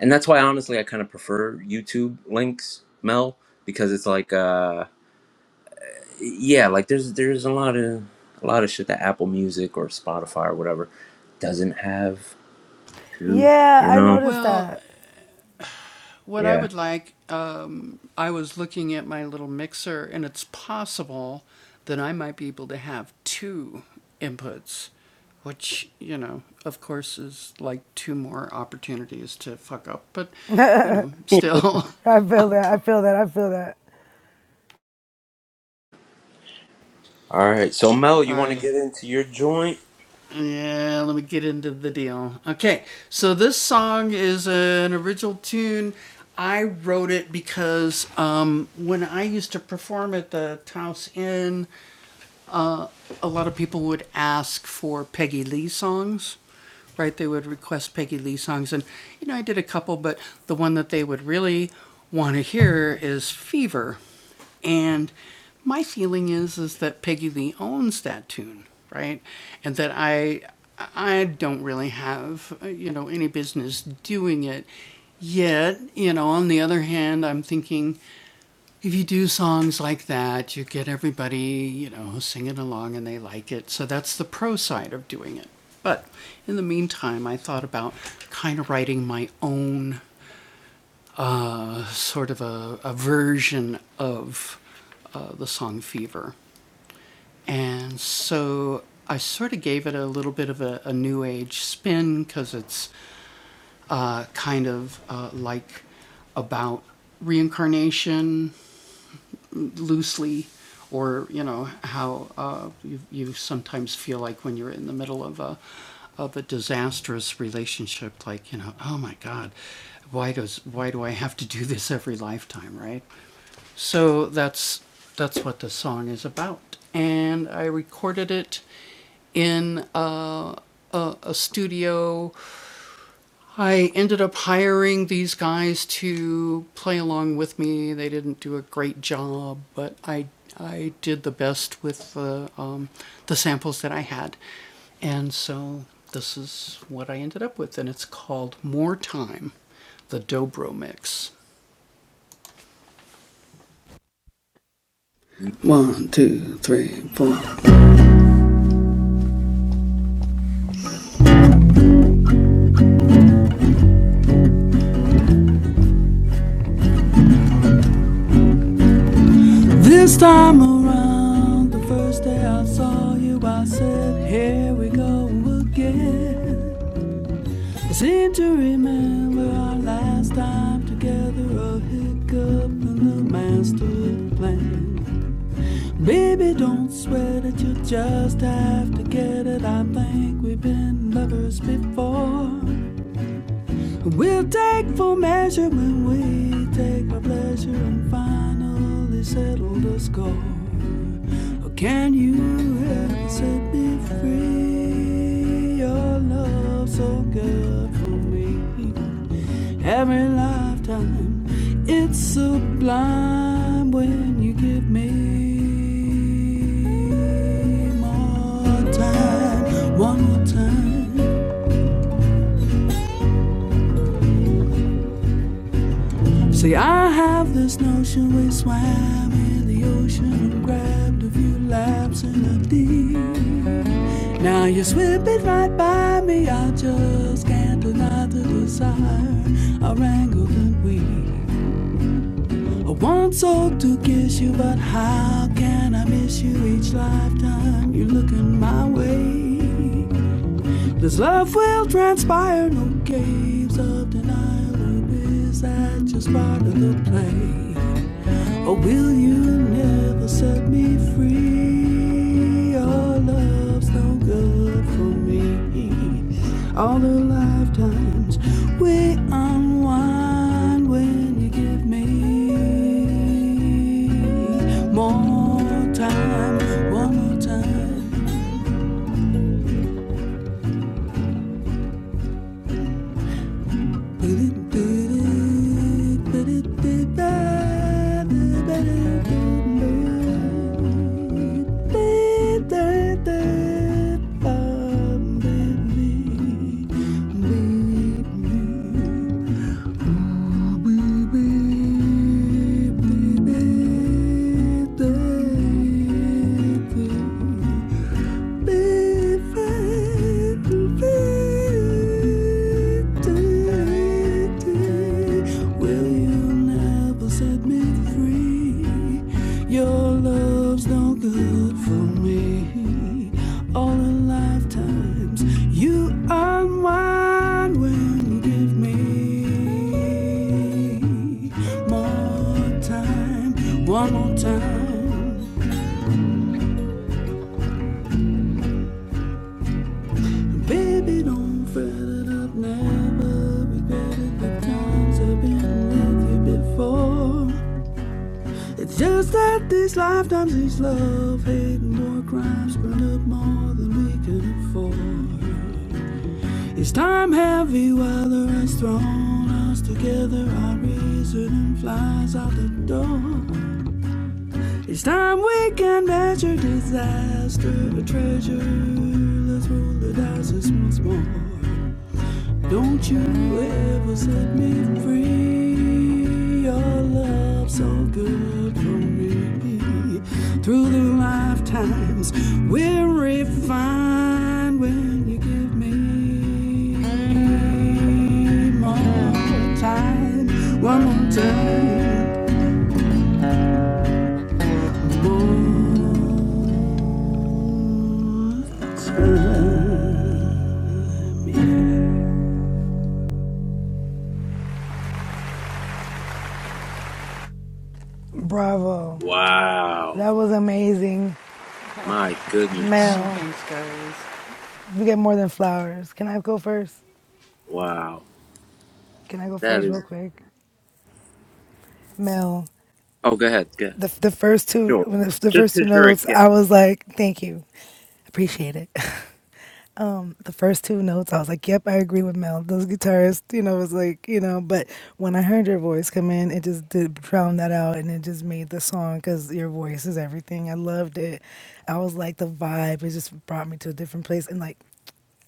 and that's why honestly I kind of prefer YouTube links, Mel, because it's like uh yeah, like there's there's a lot of a lot of shit that Apple Music or Spotify or whatever doesn't have too,
Yeah,
you
I
know.
noticed that.
Yeah.
I feel that. I feel that. I feel that.
All right. So Mel, you want to get into your joint?
Bravo.
Wow.
That was amazing.
My goodness.
Mel, we get more than flowers. Can I go first?
Wow.
Can I go
That
first,
is.
real quick? Mel,
Oh, go ahead. Go ahead.
the the first two,
Sure.
the
Just
first two
because you're a
notes,
guest.
I was like, thank you, appreciate it. um the first two notes i was like yep i agree with mel those guitarists you know was like you know but when i heard your voice come in it just did drown that out and it just made the song because your voice is everything i loved it i was like the vibe it just brought me to a different place and like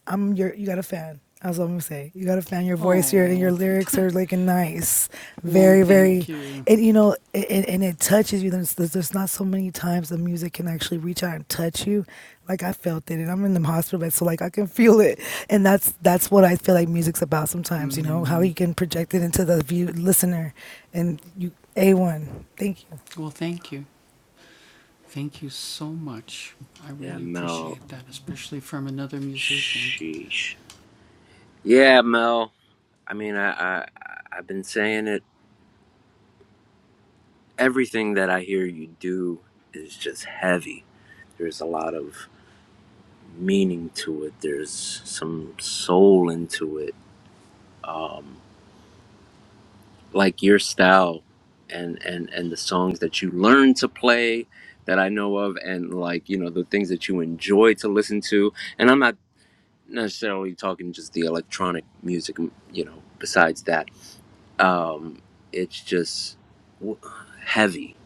I'm your you got a fan. That's what I'm gonna say. You got a fan. Your voice, your and your lyrics are like nice, very, very, and you know, it, it- and it touches you. There's, there's there's not so many times the music can actually reach out and touch you. Like I felt it, and I'm in the hospital bed, so like I can feel it, and that's that's what I feel like music's about. Sometimes you know how you can project it into the view listener, and you a one. Thank you.
Yeah, Mel. Sheesh. Yeah, Mel. I mean, I, I, I- I've been saying it everything that I hear you do is just heavy. There's a lot of meaning to it. There's some soul into it. Um, like your style and, and, and the songs that you learn to play that I know of and like, you know, the things that you enjoy to listen to. And I'm not necessarily talking just the electronic music, you know, besides that. Um, it's just w- heavy,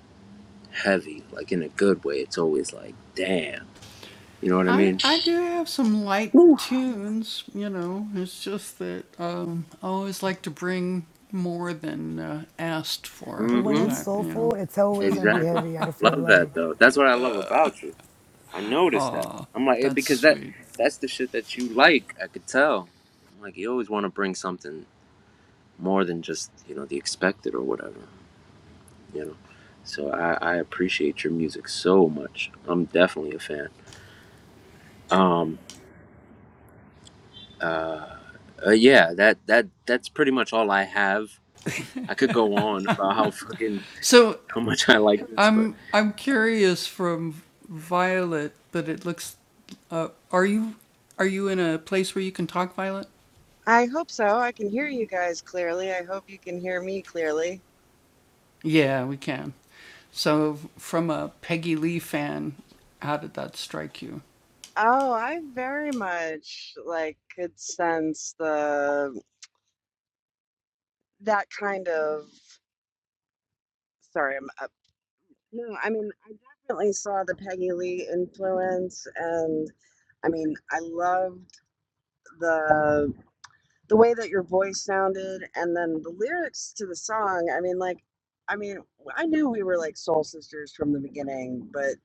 heavy, like in a good way. It's always like, damn You know what I mean?
But when
Mm-hmm.
it's soulful, it's always gonna be
Exactly.
heavy. I feel
Love that
like.
though. That's what I love about you. I noticed that. I'm like, yeah, because that that's the shit that you like. I could tell. I'm like, you always want to bring something more than just you know the expected or whatever. You know. So I, I appreciate your music so much. I'm definitely a fan. Um, uh, yeah, that that that's pretty much all I have. I could go on about how fucking how much I like this, but.
I hope so. I can hear you guys clearly. I hope you can hear me clearly. Oh, I very much like could sense the that kind of. Sorry, I'm up. No, I mean I definitely saw the Peggy Lee influence, and I mean I loved the the way that your voice sounded and then the lyrics to the song i mean like i mean i knew we were like soul sisters from the beginning but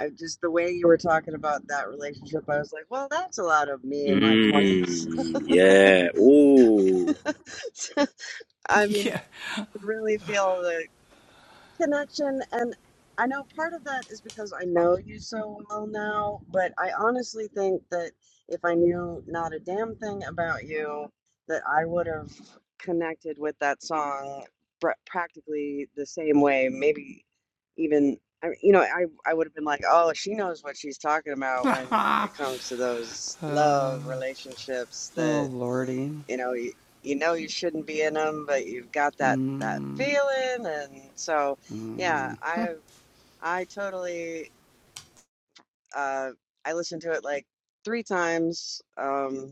i just the way you were talking about that relationship i was like well that's a lot of me in my 20s
Mm, yeah. Ooh.
i mean I could really feel the connection and I know part of that is because I know you so well now, but I honestly think that if I knew not a damn thing about you, that I would have connected with that song pr- practically the same way, maybe even I you know, I I would have been like, "Oh, she knows what she's talking about when it comes to those love relationships that you know you, you know you shouldn't be in them but you've got that that feeling and so yeah i i totally uh i listened to it like three times um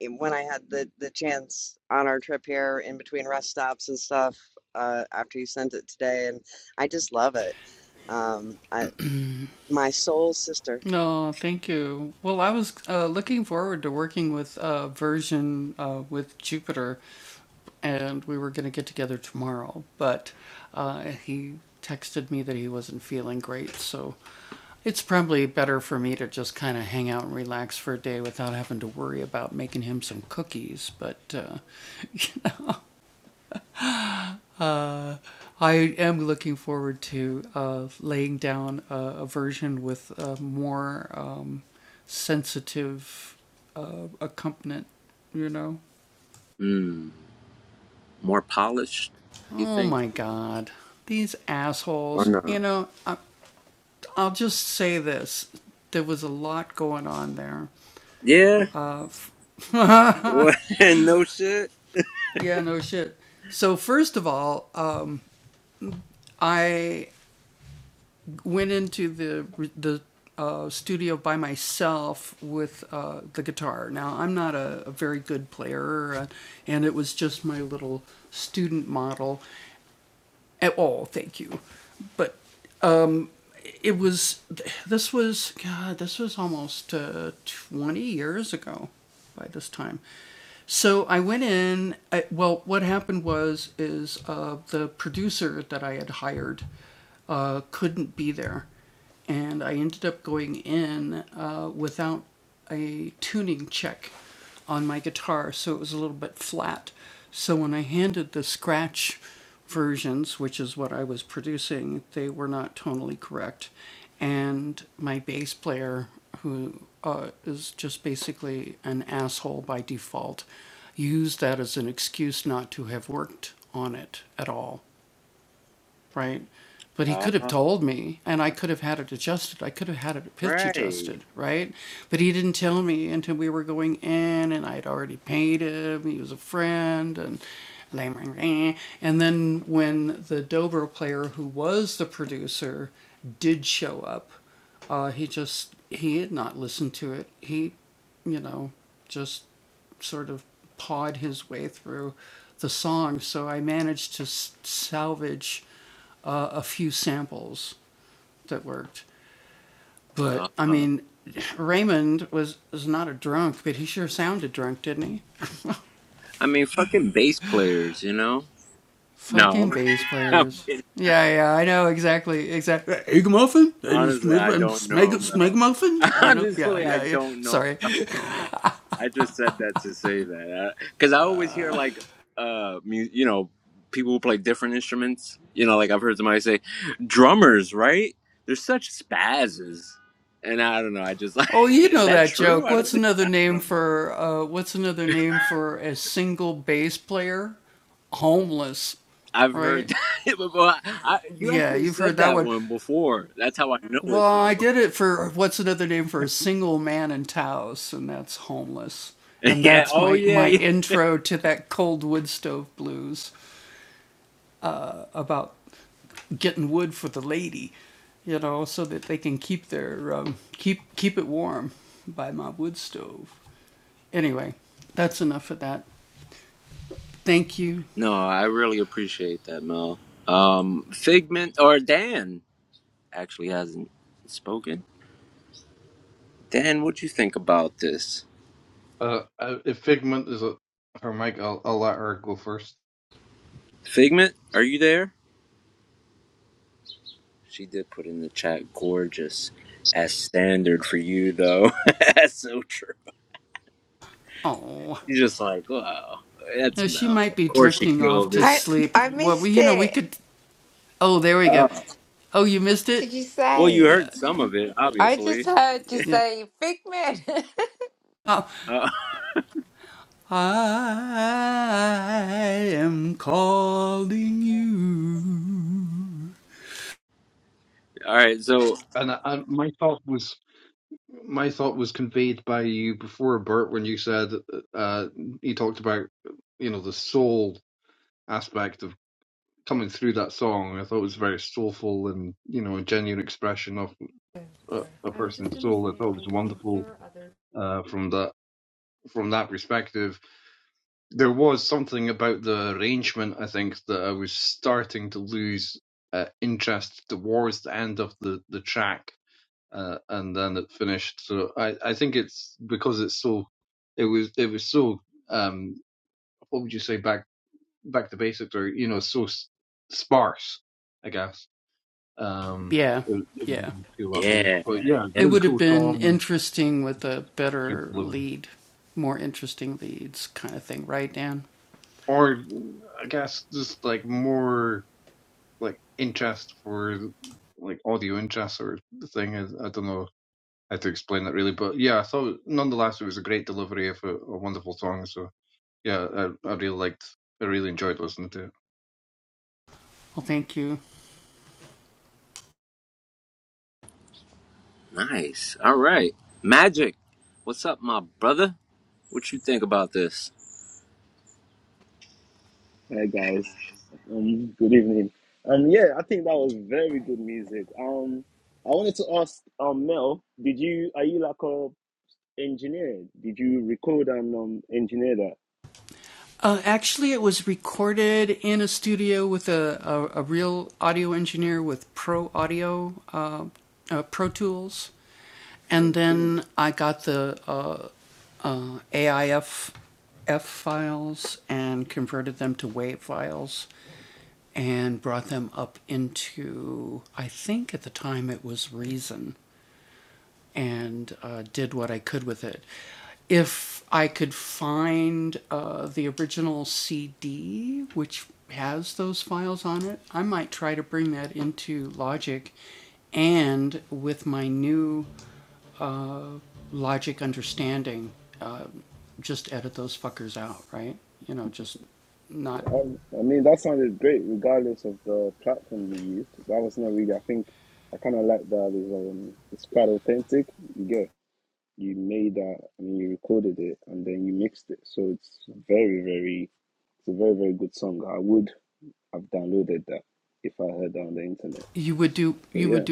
in- when i had the the chance on our trip here in between rest stops and stuff uh after you sent it today and i just love it um i my soul sister
Mm, more polished, you think? Or no? Yeah. What? no shit. Ah, right. Ah, I mean, fucking bass players, you know? No, I'm kidding. honestly, I don't know, Mel. Honestly, I don't know. I just said that to say that because I always hear like uh mu- you know people who play different instruments. You know, like I've heard somebody say drummers, right? They're such spazzes, and I don't know. I just like is that true? I don't think I don't know. I've heard that before. I, I, you actually said that one before. That's how I know it though. yeah. Oh yeah. Yeah. No, I really appreciate that, Mel. Um, Figment or Dan actually hasn't spoken. Dan, what'd you think about this?
Uh, uh, if Figment is a, her mic, I'll I'll let her go first.
Figment, are you there? She did put in the chat, gorgeous. As standard for you, though. That's so true. She's just like, wow, that's Mel. Of course she killed it.
I I missed it.
Uh,
what did you
well, you
say?
heard some of it,
I just
obviously.
heard you say Figment.
Uh, all right, so,
And I, I, my thought was my thought was conveyed by you before, Bert, when you said uh, you talked about you know the soul aspect of coming through that song. I thought it was very soulful and you know a genuine expression of a, a person's soul. I thought it was wonderful uh, from that from that perspective. There was something about the arrangement, I think, that I was starting to lose uh, interest towards the end of the the track uh, and then it finished. So I, I think it's because it's so it was it was so um what would you say back back to basics or you know so s- sparse I guess um it, it didn't feel that way.
yeah,
But yeah, it's a
yeah,
really cool song. Great delivery. Or I guess just like more like interest for like audio interest or thing. I, I don't know how to explain that really, but yeah, I thought nonetheless it was a great delivery of a, a wonderful song. So yeah, I, I really liked, I really enjoyed listening to it.
nice. All right. Magic, what's up, my brother? What you think about this?
Hey guys, um, good evening. Um, yeah, I think that was very good music. Um, I wanted to ask, um, Mel, did you are you like a engineer? Did you record and um engineer that? Um, I mean, that sounded great, regardless of the platform you used. That was not really. I think I kind of like that. Is um, it's quite authentic. You get. you made that I mean, you recorded it and then you mixed it. So it's very, very, it's a very, very good song. I would have downloaded that if I heard that on the internet. So yeah,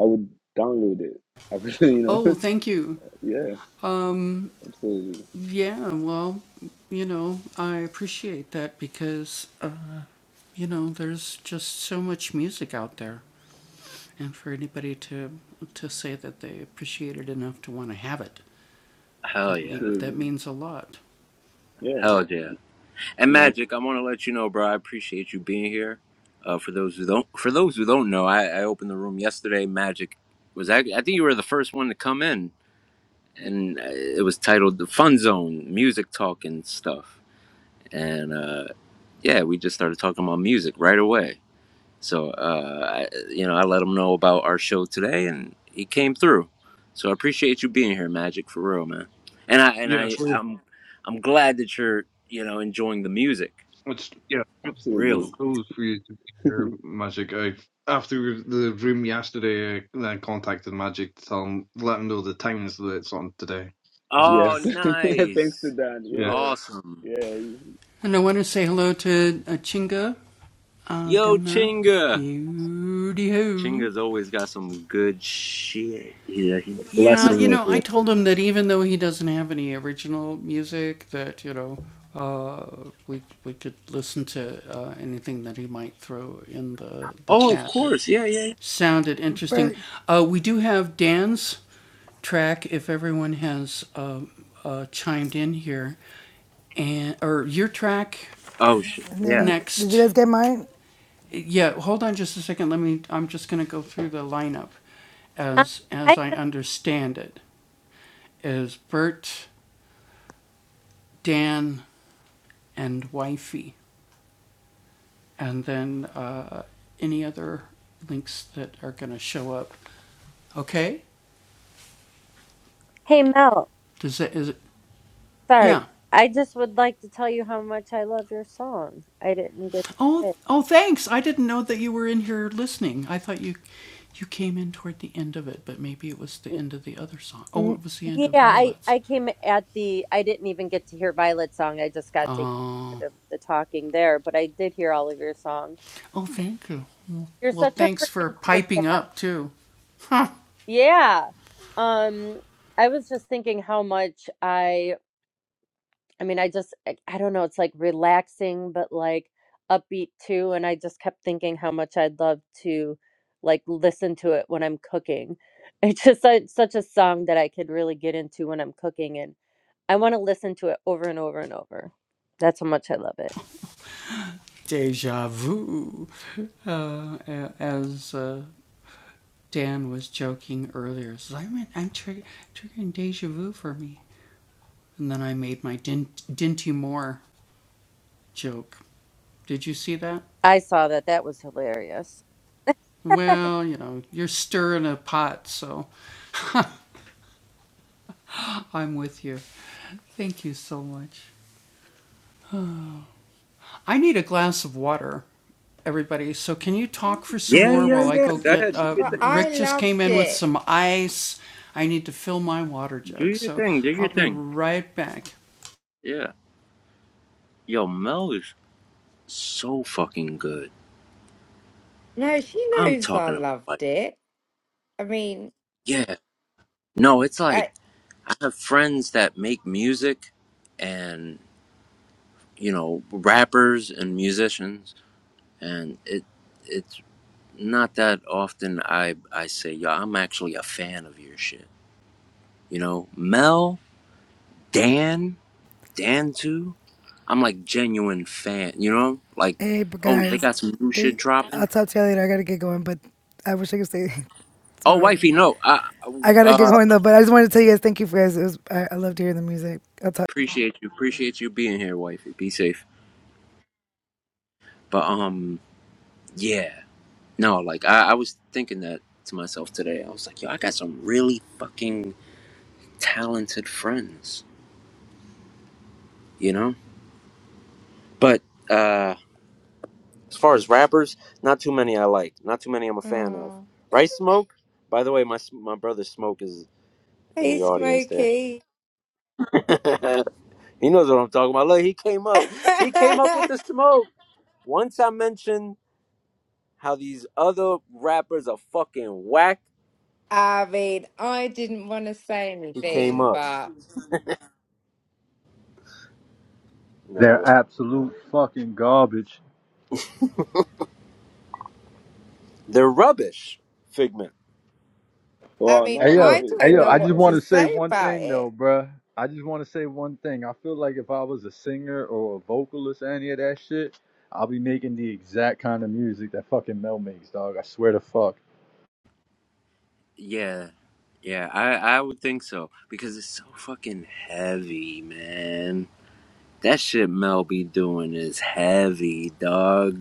I would download it. I would, you know, yeah, absolutely,
Hell yeah.
absolutely, yeah,
Hell yeah.
you
And
know,
Magic, I want to let you know, bro. I appreciate you being here. Uh, for those who don't, for those who don't know, I, I opened the room yesterday. Magic was I, I think you were the first one to come in, and uh, it was titled "The Fun Zone: Music Talk and Stuff." And uh, yeah, we just started talking about music right away. So uh, I, you know, I let him know about our show today, and he came through. So I appreciate you being here, Magic, for real, man. And I and
Yeah,
I
it's really,
I'm I'm glad that you're you know enjoying the music,
it's yeah, really
absolutely,
really.
cool for you to hear Magic. I after the room yesterday, I then contacted Magic to tell him, let him know the times that it's on today. So yeah,
Oh,
yes. Thanks to
nice.
Dan,
yeah,
Awesome.
yeah, yeah.
Yo, Chinga. Chinga's always got some good shit. Yeah, he's blessing with with. Oh, of course. Yeah, yeah. yeah.
Bert,
Oh, shit.
and
Yeah.
then did you guys get mine?
Um, I just came out. Sorry.
Yeah, yeah, yeah. Go ahead.
But I loved it.
Do your thing. Do your thing. Do your thing. Yeah. Yo, Mel is so fucking good.
No, she
I'm
knows I
talking about, like,
loved it. I mean,
yeah. No, it's like
I,
I have friends that make music and, you know, rappers and musicians, and it. it not that often I I say, yo, I'm actually a fan of your shit. You know, Mel, Dan, Dan too. I'm like genuine fan. You know, like
Hey, but
oh, they
guys,
got some new shit
think, I'll
dropping.
talk to you later. I gotta get going, but I wish I could stay.
Oh,
Sorry.
wifey, no, I
I gotta get
uh,
going though, but I just wanted to tell you guys thank you for guys. It was I, I loved hearing the music. I'll talk
appreciate you, appreciate you being here, wifey. Be safe. But um, yeah, no, like I, I was thinking that to myself today. I was like, yo, I got some really fucking talented friends. You know, but uh. As far as rappers, not too many I like. Not too many I'm a fan of.
oh,
Right, Smoke? By the way, my my brother Smoke is in
hey,
the audience there.
Smokey.
he knows what I'm talking about. Look, he came up. He came up with the smoke. Once I mentioned how these other rappers are fucking whack,
I mean, I didn't want to say
he came
anything,
up.
but
They're
No,
absolute fucking garbage.
they're rubbish. Figment.
I
Wow,
mean,
now
Hey
I'm a
yo,
I
bit
hey
don't
yo,
know
I just
what
terrified.
want
to
to say
say
one
about
thing
it.
though, bruh. I just want to say one thing. I feel like if I was a singer or a vocalist or any of that shit, I'll be making the exact kind of music that fucking Mel makes, dog. I swear to fuck.
Yeah, yeah, I I would think so because it's so fucking heavy, man. That shit Mel be doing is heavy, dog.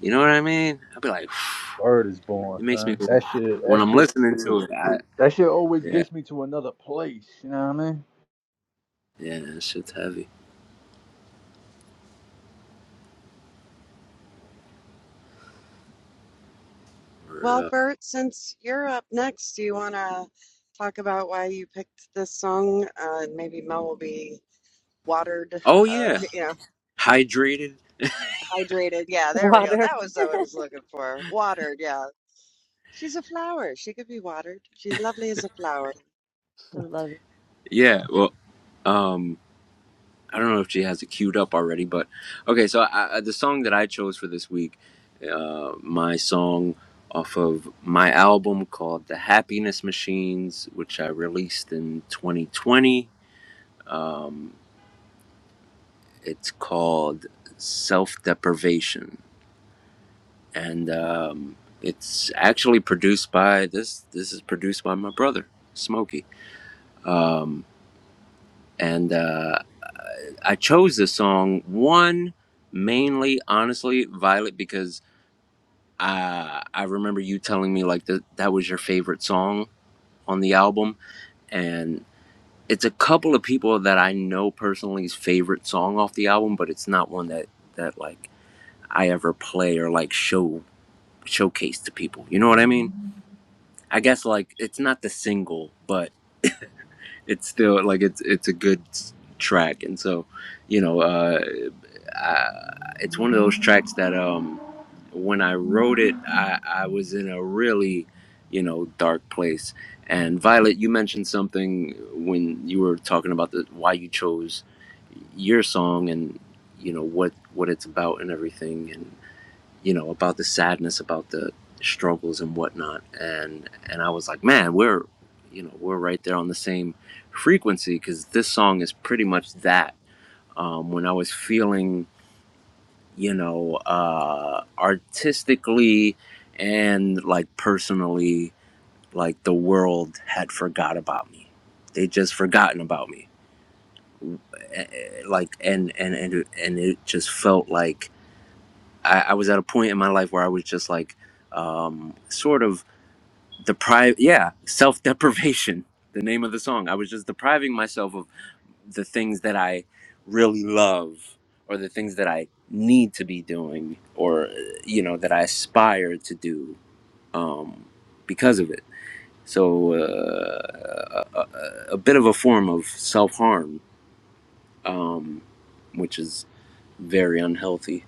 You know what I mean? i will be like,
Word is born,
it makes me
son.
go
That shit,
when
that
I'm
shit,
listening to it. I,
that shit always
yeah,
gets me to another place. You know what I mean?
yeah, that shit's heavy. Word
well
up.
bert since you're up next do you want to talk about why you picked this song uh and maybe mel will be watered,
Oh
uh,
yeah,
you know,
hydrated.
hydrated. Yeah, there we go. That was what I was looking for. Watered, yeah. She's a flower. She could be watered. She's lovely as a flower.
Yeah. Well, um, I don't know if she has it queued up already, but okay. So I, I, the song that I chose for this week, uh, my song off of my album called "The Happiness Machines," which I released in 2020. Um, it's called "Self Deprivation." and um, it's actually produced by this. This is produced by my brother Smokey, um, and uh, I chose this song one mainly, honestly, Violet, because I I remember you telling me like that that was your favorite song on the album, and it's a couple of people that I know personally's favorite song off the album, but it's not one that that like I ever play or like show showcase to people. You know what I mean? I guess like it's not the single, but it's still like it's it's a good track, and so you know, uh, I, it's one of those tracks that um, when I wrote it, I, I was in a really you know dark place. And Violet, you mentioned something when you were talking about the why you chose your song and you know what what it's about and everything you know, about the sadness, about the struggles and whatnot. And and I was like, man, we're you know we're right there on the same frequency because this song is pretty much that. Um, when I was feeling, you know, uh, artistically and like personally, like the world had forgot about me. They just forgotten about me. Eh, eh, Like and and and and it just felt like I, I was at a point in my life where I was just like um, sort of deprive yeah self-deprivation the name of the song i was just depriving myself of the things that i really love or the things that i need to be doing or you know that i aspire to do um, because of it so uh, a, a bit of a form of self-harm um, which is very unhealthy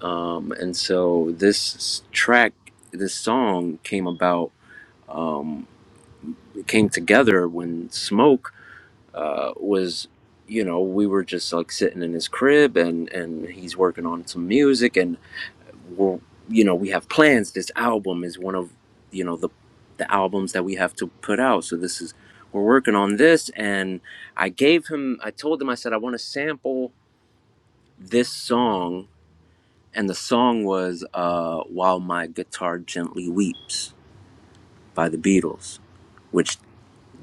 um, and so this track this song came about um, came together when smoke uh, was you know we were just like sitting in his crib and and he's working on some music and we're you know we have plans this album is one of you know the the albums that we have to put out so this is we're working on this and i gave him i told him i said i want to sample this song and the song was uh while my guitar gently weeps by the beatles which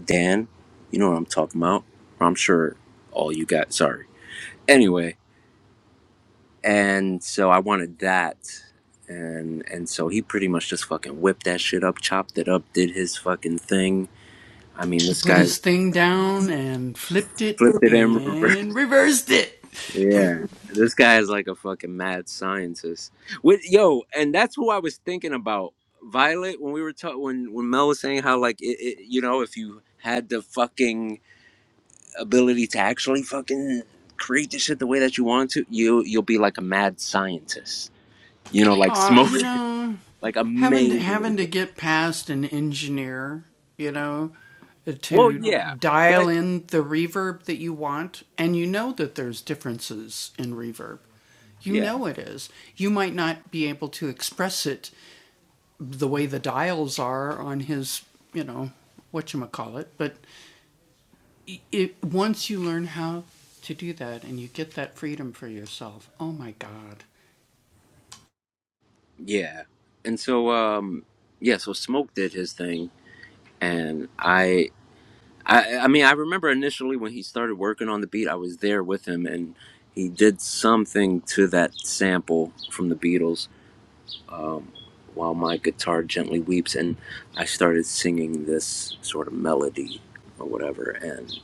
dan you know what i'm talking about i'm sure all you got sorry anyway and so i wanted that and and so he pretty much just fucking whipped that shit up chopped it up did his fucking thing i mean this guy flipped it in reverse. yeah this guy is like a fucking mad scientist with yo and that's who i was thinking about violet when we were talking when when mel was saying how like it, it you know if you had the fucking ability to actually fucking create the shit the way that you want to you you'll be like a mad scientist you know like smoke like amazing. Well, yeah, but I, yeah, yeah, and so um, yeah, so Smoke did his thing, and I, I, I mean, I remember initially when he started working on the beat, I was there with him, and he did something to that sample from the Beatles while my guitar gently weeps, and I started singing this sort of melody or whatever, and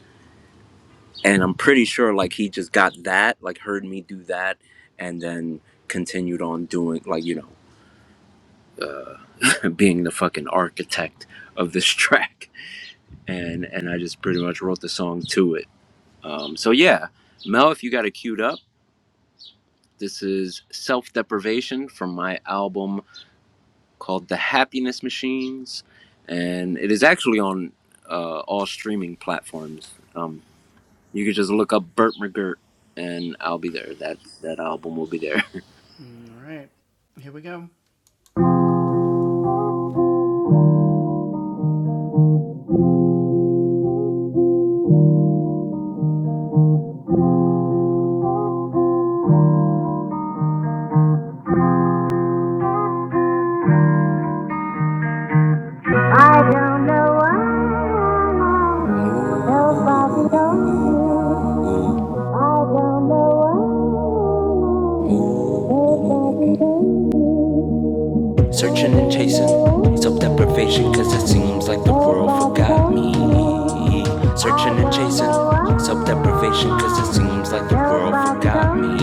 and I'm pretty sure like he just got that, like heard me do that, and then continued on doing like you know being the fucking architect of this track and and i just pretty much wrote the song to it um, so yeah mel if you got it queued up this is self deprivation from my album called the happiness machines and it is actually on uh, all streaming platforms um, you could just look up burt mcgirt and i'll be there that that album will be there
I don't know why nobody told me. I don't know why nobody told me. Searching and chasing self deprivation, cause it seems like the world forgot me. Searching and chasing self deprivation, cause it seems like the world forgot me.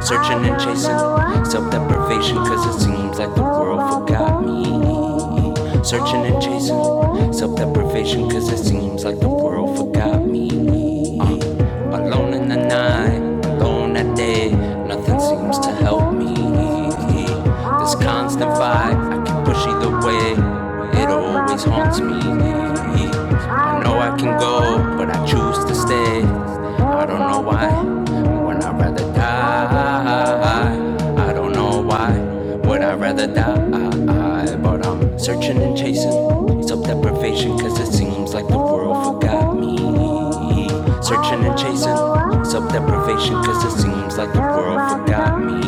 Searching and chasing self deprivation, cause it seems like the world forgot me me. Searching and chasing self deprivation, cause it seems like the world forgot me. Uh, alone in the night, alone at day, nothing seems to help me. This constant vibe, I can push either way, it always haunts me be. I know I can go, but I choose to stay. I don't know why. When I'd rather die, I don't know why. Would I rather die? But I'm searching and chasing self deprivation, cause it seems like the world forgot me. Searching and chasing self deprivation, cause it seems like the world forgot me.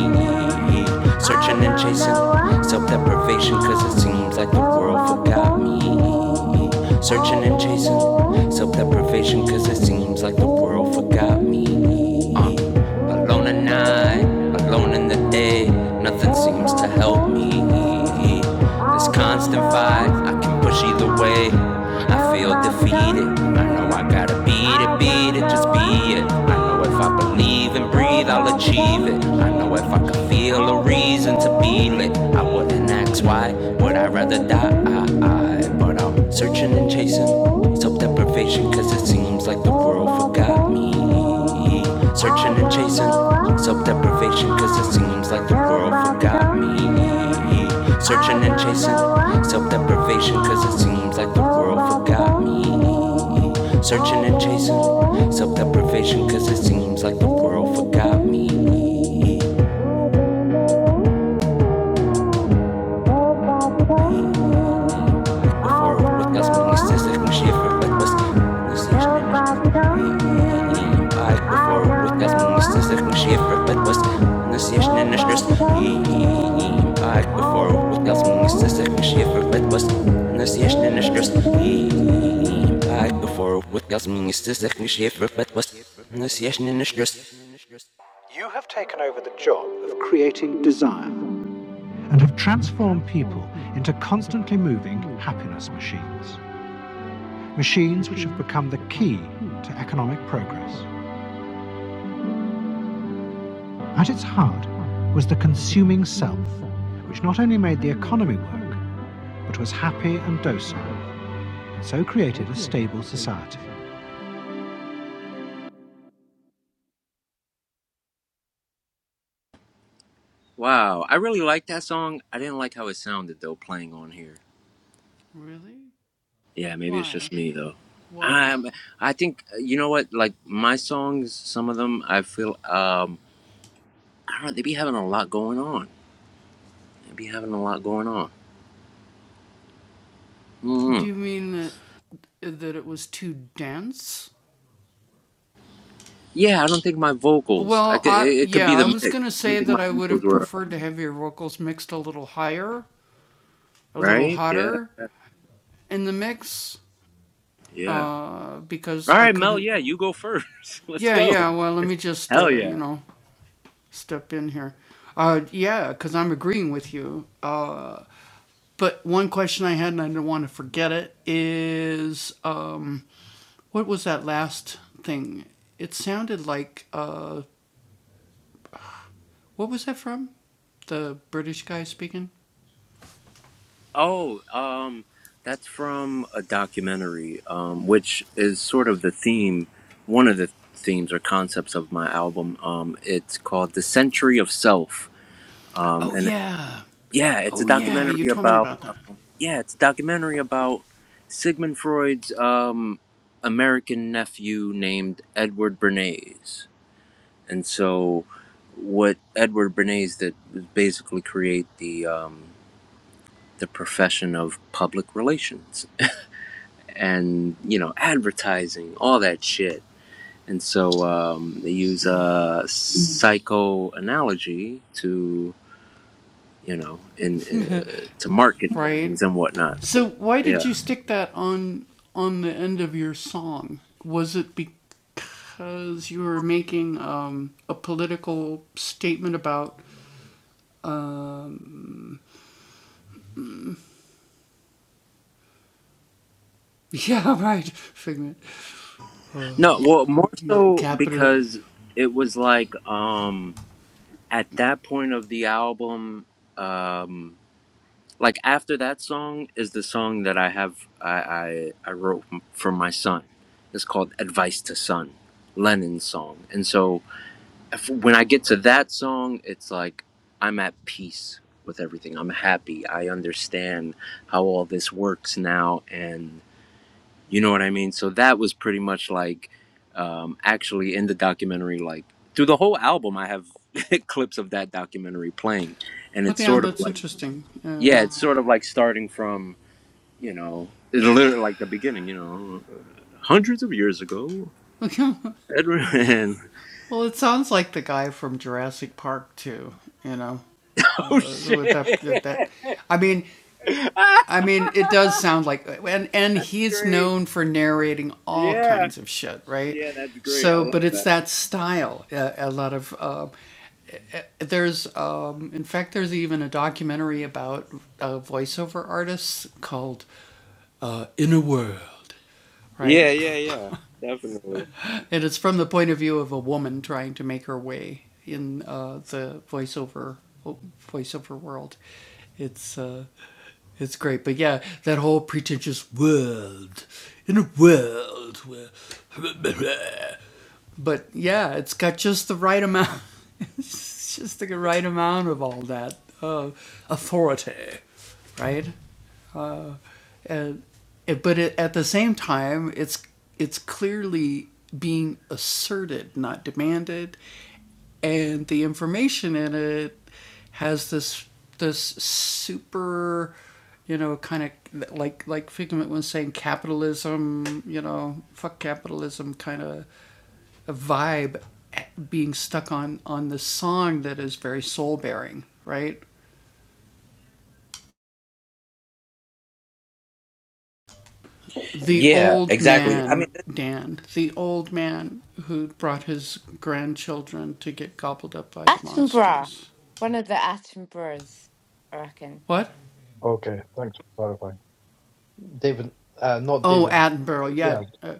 Searching and chasing self deprivation, cause it seems like the world forgot me. Searching and chasing self deprivation, cause it seems like the world forgot me me. Alone at night, alone in the day, nothing seems to help me. This constant fight, I can push either way. I feel defeated. I know I gotta beat it, beat it, just be it. I know if I believe and breathe, I'll achieve it. I know if I could feel a reason to be lit, I wouldn't ask why. Would I rather die? But I'm searching and chasing self deprivation, cause it seems like the world forgot me. Searching and chasing self deprivation, cause it seems like the world forgot me. Searching and chasing self deprivation, cause it seems like the world forgot me. Searching and chasing self deprivation, cause it seems like the world forgot me. Before podcast mo is just like mag mas gusto Ay, before podcast mo is just like mag mas nasiyas na nasiyas Ay, before podcast mo is just like mag mas nasiyas na nasiyas Ay, before podcast mo is just like mag mas nasiyas na nasiyas
wow i really like that song i didn't like how it sounded though playing on here Yeah, maybe it's just me though. Um, I think uh, you know what? Like my songs, some of them, I feel um, I don't know. They be having a lot going on. They be having a lot going on. Mm. Yeah, I don't think my vocals. I could. It, it could be the mix. I don't think my vocals were right. Yeah, yeah. All right, Mel. Yeah, you go first. Let's go. Hell yeah. Oh, um, that's from a documentary, um, which is sort of the theme, one of the themes or concepts of my album. Um, it's called "The Century of Self," um, and yeah, it's a documentary about um, yeah, it's a documentary about Sigmund Freud's um, American nephew named Edward Bernays, and so what Edward Bernays did was basically create the um, the profession of public relations and you know advertising all that shit and so um, they use uh, psychoanalogy to you know in uh, to market things and whatnot yeah no well more so because it was like um at that point of the album um like after that song is the song that i have i i, I wrote for my son it's called advice to son lennon's song and so when I get to that song, it's like I'm at peace with everything. I'm happy. I understand how all this works now, and you know what I mean. So that was pretty much like um, actually in the documentary, like through the whole album, I have clips of that documentary playing, and it's sort of like yeah, it's sort of like starting from you know it literally like the beginning, you know, hundreds of years ago. Edward and oh shit. Ah, great. Yeah, yeah, that's great. I love that. Yeah, yeah, yeah, definitely. Yeah, exactly. I mean,
Attenborough, one of the Attenboroughs, I reckon,
Okay, thanks for clarifying. David, uh, not David. Yeah,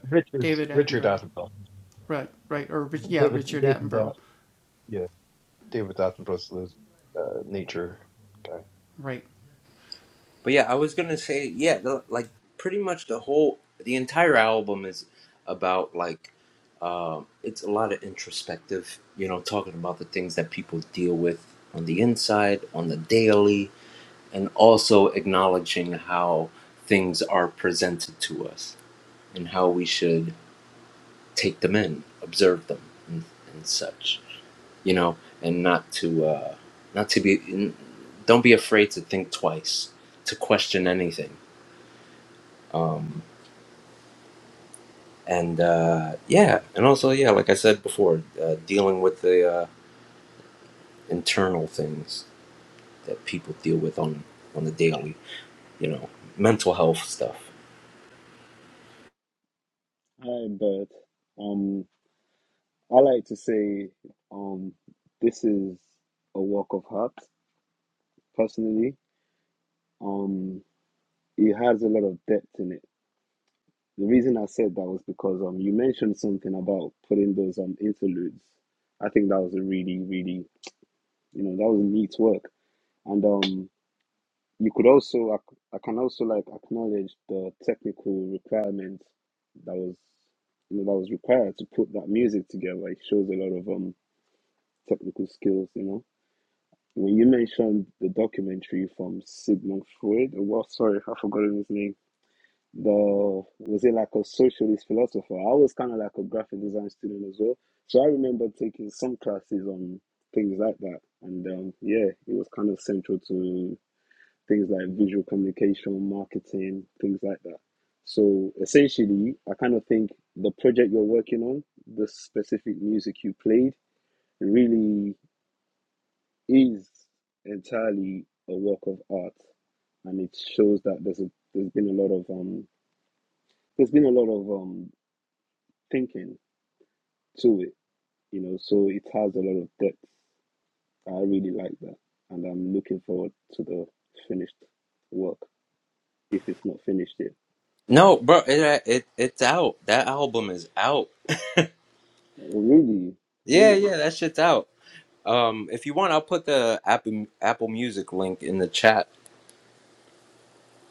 Richard. Richard Attenborough. David. David. Uh, yeah, David Attenborough's the uh, nature guy.
but yeah, I was gonna say, yeah, the, like pretty much the whole, the entire album is about like, um, it's a lot of introspective, you know, talking about the things that people deal with on the inside, on the daily, and also acknowledging how things are presented to us and how we should take them in, observe them, and, and such. you know, and not to uh, not to be don't be afraid to think twice, to question anything. Um, and uh, yeah, and also yeah, like I said before, uh, dealing with the uh, internal things that people deal with on on the daily, you know, mental health stuff.
Hi, Bert. Um. I like to say um, this is a work of art. personally. Um, it has a lot of depth in it. The reason I said that was because um, you mentioned something about putting those um, interludes. I think that was a really, really, you know, that was neat work. And um, you could also, I, c- I can also like acknowledge the technical requirement that was, you know, that was required to put that music together. It shows a lot of um, technical skills, you know When you mentioned the documentary from Sigmund Freud, or what? Sorry, I've forgotten his name. The was it like a socialist philosopher? I was kind of like a graphic design student as well, so I remember taking some classes on things like that. And um, yeah, it was kind of central to things like visual communication, marketing, things like that. So essentially, I kind of think the project you're working on, the specific music you played, really is entirely a work of art, and it shows that there's a, there's been a lot of um there's been a lot of um thinking to it, you know. So it has a lot of depth. I really like that, and I'm looking forward to the finished work if it's not finished yet.
No, bro, it uh, it it's out. That album is out.
Really
Yeah,
brilliant.
yeah, that shit's out. Um, if you want, I'll put the Apple Apple Music link in the chat.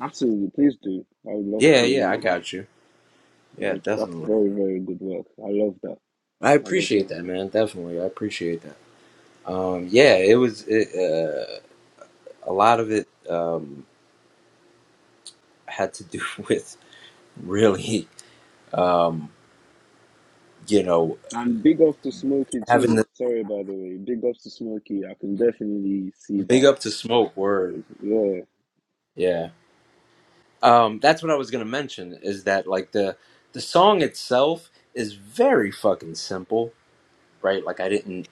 Absolutely, please do. I would love
Yeah, yeah, I
to.
got you.
You
Yeah,
know, that's
definitely.
very very good work. I love that.
I
I love
appreciate
that.
that, man. Definitely, I appreciate that. Um, yeah, it was it, uh, a lot of it um, had to do with really, um, you know,
And big ups to Smokey
having the
too. Sorry, by the way. Big ups to Smokey. I can definitely see
big
that.
up to smoke word.
Yeah.
Yeah, um, that's what I was gonna mention. Is that like the the song itself is very fucking simple, right? Like I didn't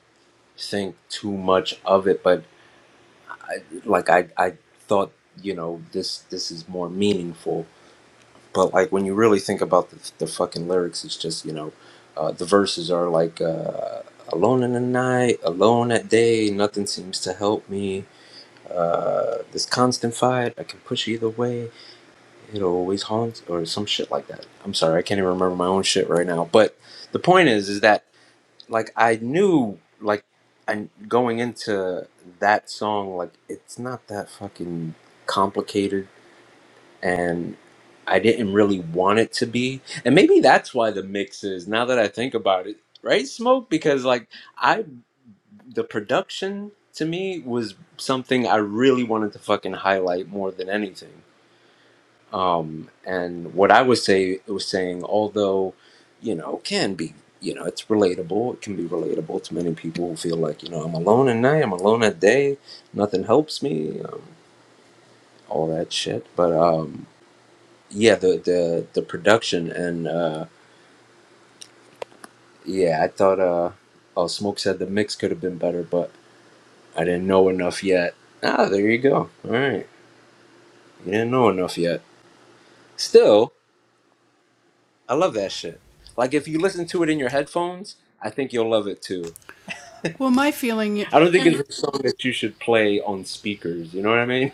think too much of it, but like I I thought, you know, this this is more meaningful But like when you really think about the, the fucking lyrics, it's just you know, uh, the verses are like uh, alone in the night, alone at day, nothing seems to help me. Uh, this constant fight, I can push either way. It always haunts, or some shit like that. I'm sorry, I can't even remember my own shit right now. But the point is, is that like I knew, like, I going into that song, like it's not that fucking complicated and I didn't really want it to be. And maybe that's why the mix is now that I think about it, right? Smoke because like I the production to me was something I really wanted to fucking highlight more than anything. Um and what I was say was saying although, you know, can be you know, it's relatable. It can be relatable to many people who feel like, you know, I'm alone at night, I'm alone at day, nothing helps me, um, all that shit. But um yeah the the the production and uh yeah i thought uh oh smoke said the mix could have been better but i didn't know enough yet ah there you go all right you didn't know enough yet still i love that shit like if you listen to it in your headphones i think you'll love it too i don't think it's a song that you should play on speakers you know what i mean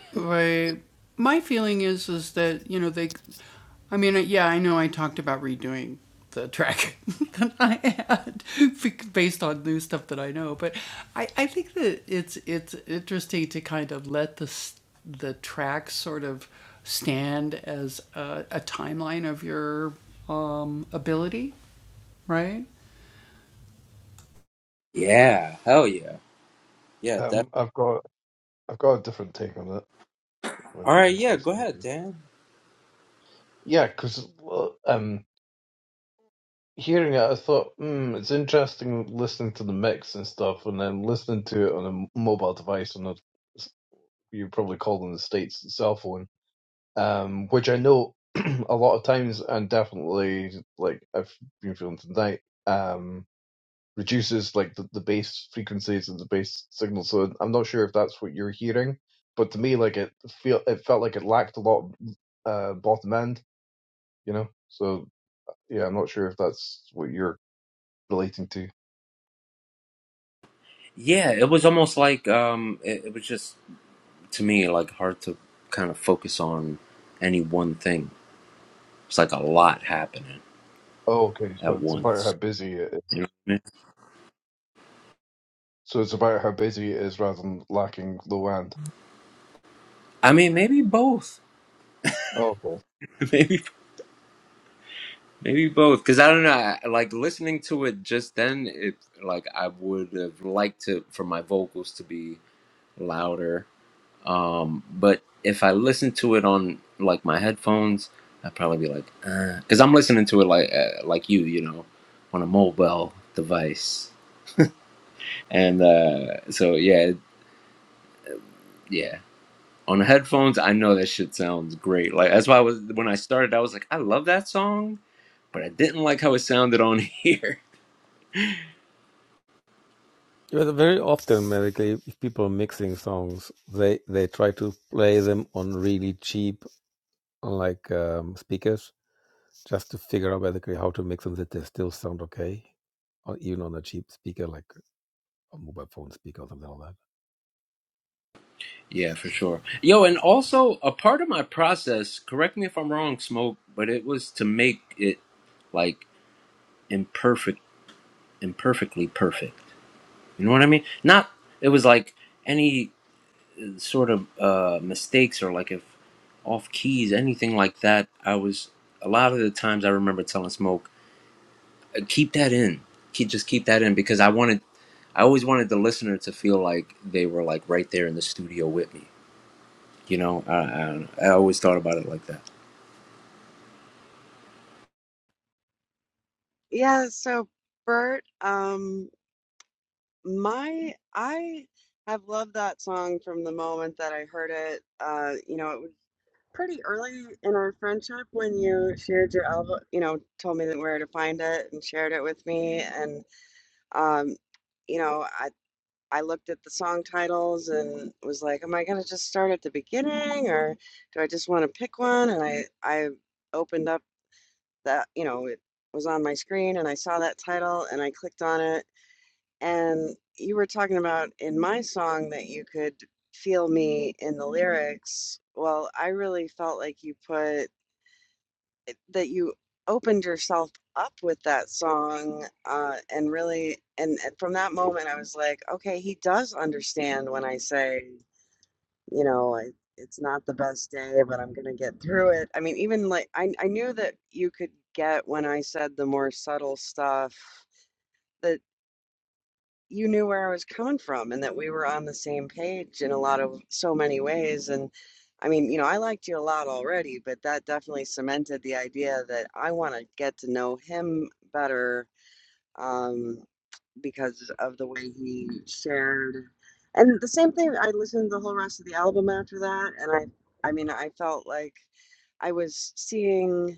yeah hell yeah yeah def-
Um, I've got I've got a different take on it. Might
all
be
right yeah go
interesting.
ahead dan
Yeah, because um, hearing it, I thought, hmm, it's interesting listening to the mix and stuff, and then listening to it on a m- mobile device on a you probably call them the states the cell phone, um, which I know a lot of times and definitely like I've been feeling tonight, um, reduces like the, the bass frequencies and the bass signal. So I'm not sure if that's what you're hearing, but to me, like it feel it felt like it lacked a lot of uh, bottom end, you know. So Yeah, I'm not sure if that's what you're relating to.
yeah it was almost like um it, it was just to me like hard to kind of focus on any one thing. It's like a lot happening
Oh, okay. So
at
it's about how
once.
busy it is.
You know what I mean?
So it's about how busy it is rather than lacking low end.
I mean, maybe both.
Oh, okay.
maybe maybe both. Because I don't know. I, like listening to it just then, it like I would have liked to for my vocals to be louder. Um, but if I listened to it on like my headphones, I'd probably be like, because I'm listening to it like uh, like you, you know, on a mobile device and uh, so yeah, Yeah. On the headphones, I know that shit sounds great. Like that's why I was when I started, I was like, I love that song, but I didn't like how it sounded on here. yeah, for sure. Yo, and also a part of my process, correct me if I'm wrong, Smoke, but it was to make it like imperfect imperfectly perfect. You know what I mean? Not it was like any sort of uh mistakes or like if off keys, anything like that, I was a lot of the times I remember telling Smoke keep that in. Keep just keep that in because I wanted I always wanted the listener to feel like they were like right there in the studio with me. You know, I I, I always thought about it like that.
Yeah, so Bert, um, my I have loved that song from the moment that I heard it. Uh, you know, it was pretty early in our friendship when you shared your album, you know, told me that where to find it and shared it with me and um, you know, I. I looked at the song titles and was like, am I going to just start at the beginning or do I just want to pick one? And I, I opened up that, you know, it was on my screen and I saw that title and I clicked on it. And you were talking about in my song that you could feel me in the lyrics. Well, I really felt like you put that you opened yourself up with that song uh, and really and and from that moment i was like okay he does understand when i say you know I, it's not the best day but i'm gonna get through it i mean even like I, I knew that you could get when i said the more subtle stuff you knew where I was coming from and that we were on the same page in a lot of so many ways. And I mean, you know, I liked you a lot already, but that definitely cemented the idea that I want to get to know him better um, because of the way he shared. And the same thing, I listened to the whole rest of the album after that. And I, I mean, I felt like I was seeing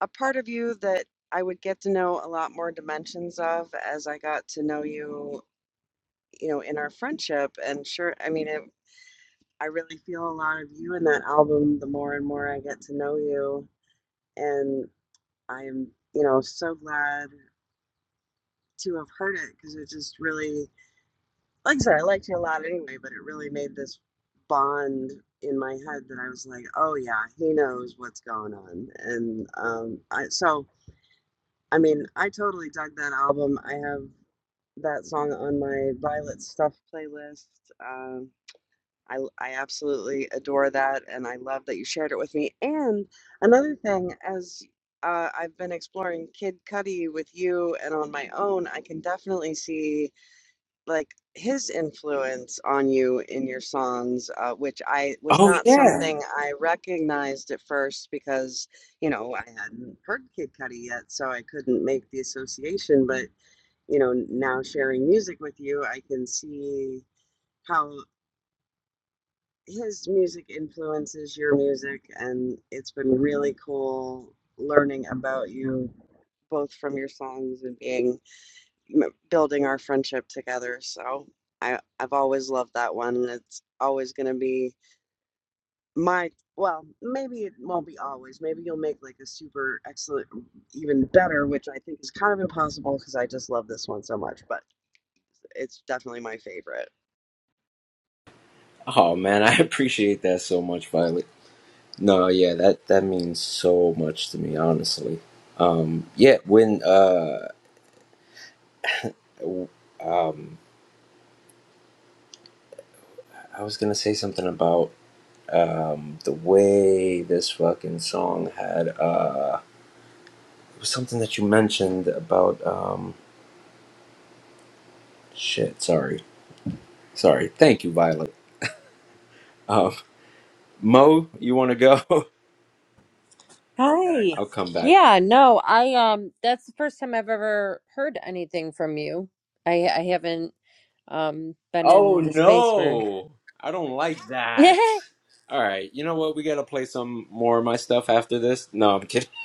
a part of you that I would get to know a lot more dimensions of as I got to know you you know, in our friendship. And sure, I mean, it, I really feel a lot of you in that album the more and more I get to know you. And I'm, you know, so glad to have heard it because it just really, like I said, I liked you a lot anyway, but it really made this bond in my head that I was like, oh yeah, he knows what's going on. And um, I, so, I mean, I totally dug that album. I have that song on my Violet Stuff playlist. Um, I I absolutely adore that, and I love that you shared it with me. And another thing, as uh, I've been exploring Kid Cudi with you and on my own, I can definitely see like his influence on you in your songs, uh, which I was
Oh
not
yeah.
something I recognized at first because you know I hadn't heard Kid Cudi yet, so I couldn't make the association. But you know, now sharing music with you, I can see. How his music influences your music, and it's been really cool learning about you both from your songs and being m- building our friendship together. So I I've always loved that one, and it's always going to be my well, maybe it won't be always. Maybe you'll make like a super excellent, even better, which I think is kind of impossible because I just love this one so much. But it's definitely my favorite.
Oh man, I appreciate that so much, Violet. No, yeah, that that means so much to me, honestly. Um, yeah, when uh, I was gonna say something about um the way this fucking song had uh it was something that you mentioned about um shit sorry Sorry. Thank you, Violet. Uh, Mo, you want to go? I'll come back. Oh, no. I don't like that. All right. You know what? We got to play some more of my stuff after this. No, I'm kidding.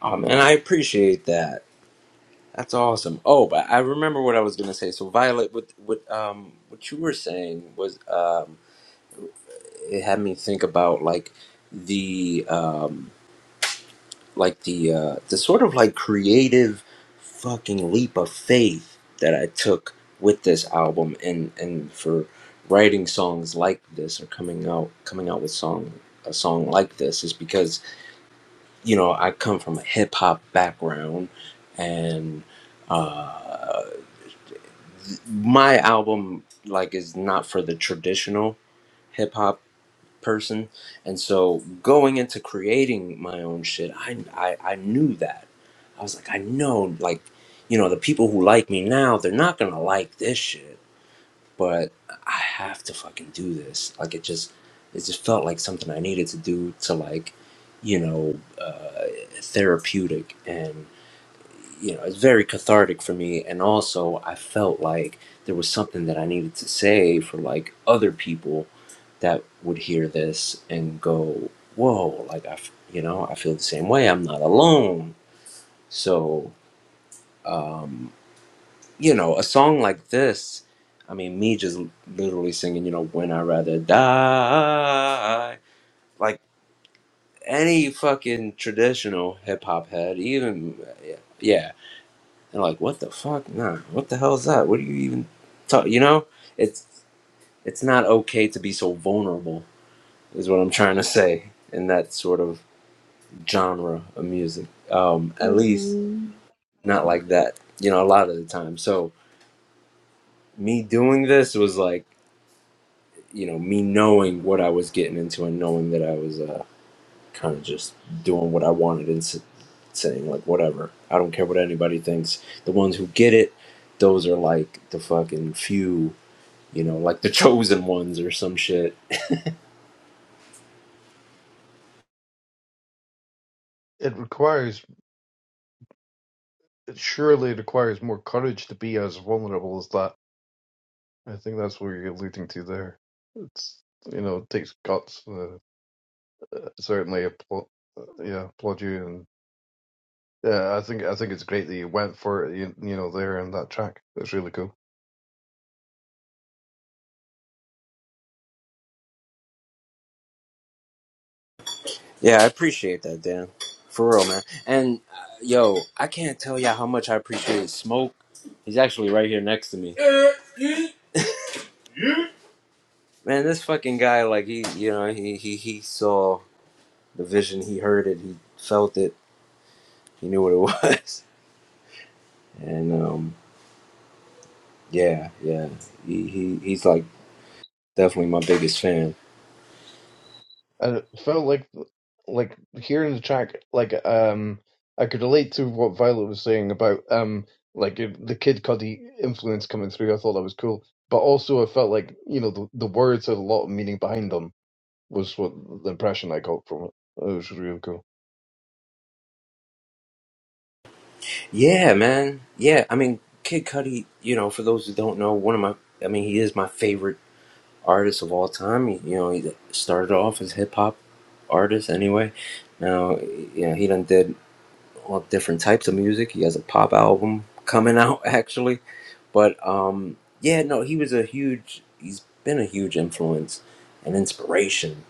Oh, man. I appreciate that. That's awesome. Oh, but I remember what I was going to say. So, Violet, what, what, um, what you were saying was um, it had me think about like the. um. like the uh, the sort of like creative fucking leap of faith that I took with this album and and for writing songs like this or coming out coming out with song a song like this is because you know I come from a hip hop background and uh, my album like is not for the traditional hip hop person and so going into creating my own shit I, I i knew that i was like i know like you know the people who like me now they're not gonna like this shit but i have to fucking do this like it just it just felt like something i needed to do to like you know uh therapeutic and you know, it's very cathartic for me. And also, I felt like there was something that I needed to say for like other people that would hear this and go, "Whoa!" Like I, f- you know, I feel the same way. I'm not alone. So, um, you know, a song like this. I mean, me just literally singing, you know, "When I Rather Die," like any fucking traditional hip hop head, even yeah. yeah, they like, what the fuck? Nah, what the hell is that? What are you even talking? You know, it's it's not okay to be so vulnerable, is what I'm trying to say in that sort of genre of music. Um, at least
hmm
not like that. You know, a lot of the time. So me doing this was like, you know, me knowing what I was getting into and knowing that I was uh, kind of just doing what I wanted and s- saying like, whatever. I don't care what anybody thinks. The ones who get it, those are like the fucking few you know, like the chosen ones or some shit.
It requires, it surely requires more courage to be as vulnerable as that. I think that's what you're alluding to there. It's, you know, it takes guts. Uh, certainly applaud, yeah, applaud you. And yeah, I think, I think it's great that you went for it, you, you know, there in that track. It's really cool.
Yeah, I appreciate that, Dan. For real, man. And uh, yo, I can't tell y'all how much I appreciate Smoke. He's actually right here next to me. Man, this fucking guy, like he, you know, he he he saw the vision, he heard it, he felt it, he knew what it was, and um, yeah, yeah, he, he he's like definitely my biggest fan.
and it felt like like hearing the track like um I could relate to what Violet was saying about um like the Kid Cudi influence coming through. I thought that was cool, but also I felt like you know the the words had a lot of meaning behind them. Was what the impression I got from it. It was really cool.
Yeah, man. Yeah, I mean, Kid Cudi, you know, for those who don't know, one of my, I mean, he is my favorite artists of all time. He, you know, he started off as hip hop artist anyway. Now, you know, he done did all different types of music. He has a pop album coming out actually, but um, yeah, no, he was a huge. He's been a huge influence and inspiration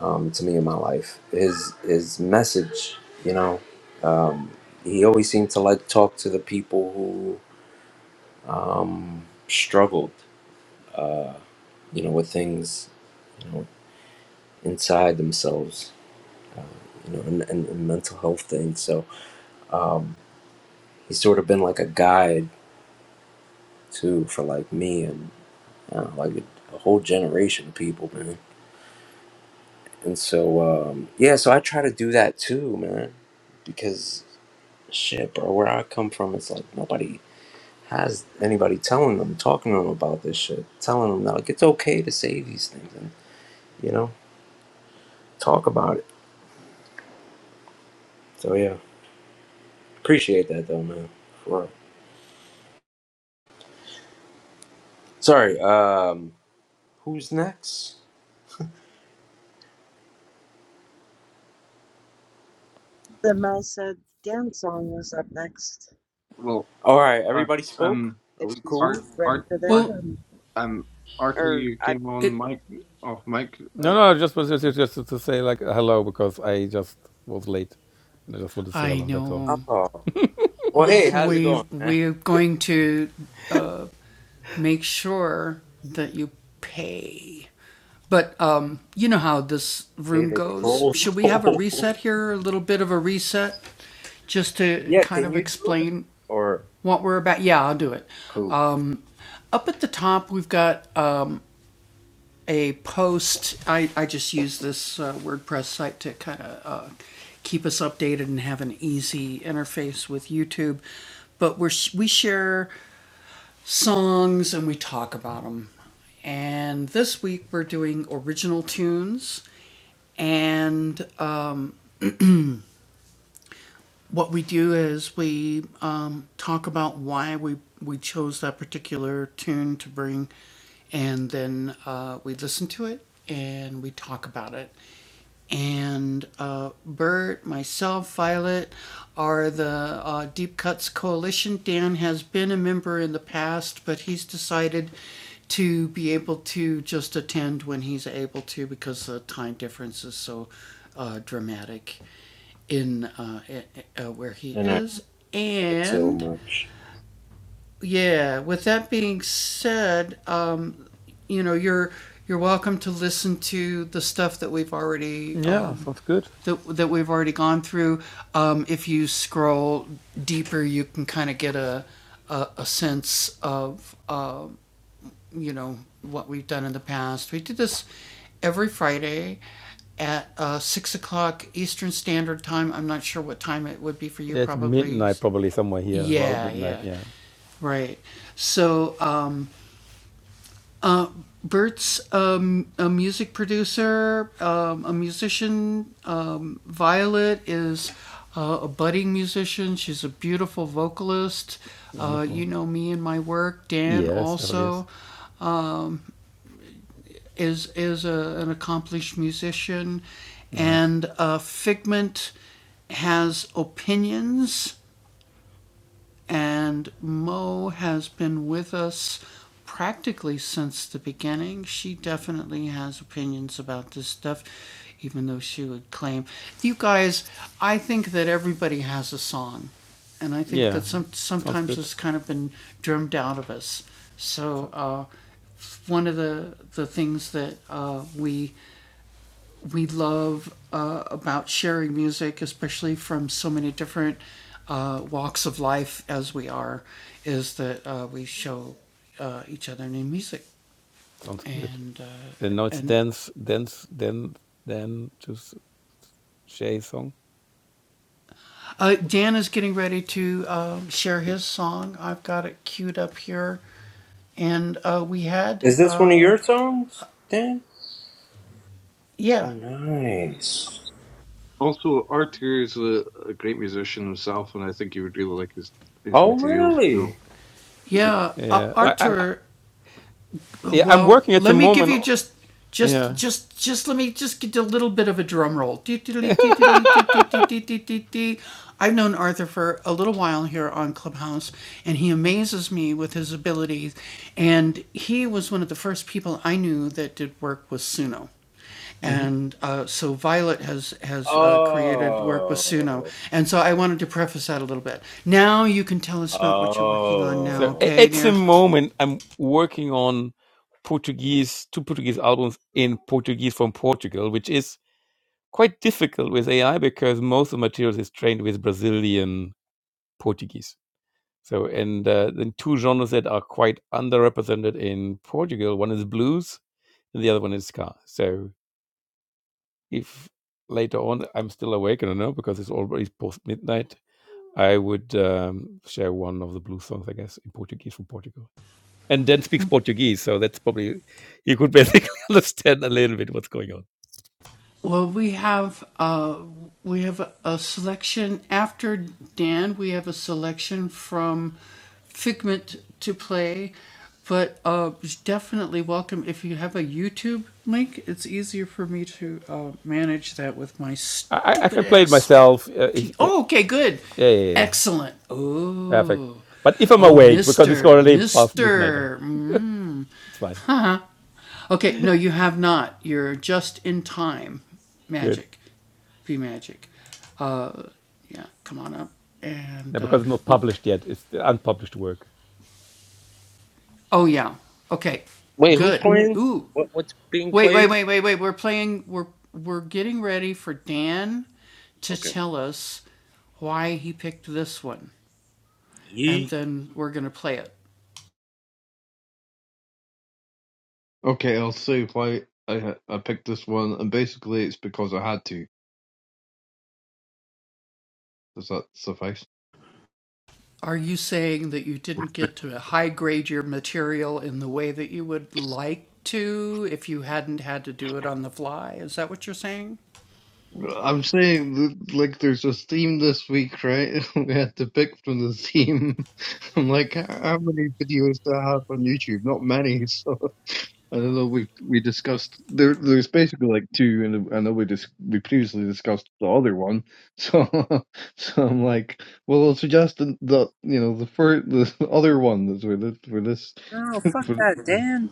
um, to me in my life. His his message, you know, um, he always seemed to like talk to the people who um, struggled, uh, you know, with things inside themselves, uh, you know, and, and, and mental health things. So um, he's sort of been like a guide too for like me and uh, like a, a whole generation of people, man. And so um, yeah, so I try to do that too, man, because shit, bro, where I come from, it's like nobody has anybody telling them, talking to them about this shit, telling them that like it's okay to say these things and you know talk about it. So yeah, appreciate that though, man. For sorry, um, Who's next?
The Mel said dance song was up next.
Well,
All right,
uh,
everybody spoke.
um,
Are
if
we
she's
Art,
cool?
ready
Art,
for that.
Art,
Um,
um,
or
Arthur
I
came on mic, off mic. Uh,
Oh, well, hey, how's it going, man? Hey, the troll told. Yeah, can you do it? Or cool? And I said so much. Is this one of your songs, Dan? Oh, nice.
also, Arthur is a, a great musician himself, and I think you would really like his his
Oh,
material. You know.
really? Okay. Oh, oh. Wait, who's playing? What? What's being played? Okay. Yeet.
Okay, I'll say why I I picked this one, and basically it's because I had to. Does that suffice? I'm saying th- like there's a theme this week, right? we had to pick from the theme. I'm like, "H- how many videos do I have on YouTube? Not many, so I don't know. We we discussed there. There's basically like two, and I know we dis- we previously discussed the other one. So so I'm like, well, I'll suggest the, the you know the first the other one that's for this for this
No,
for
fuck that, Dan.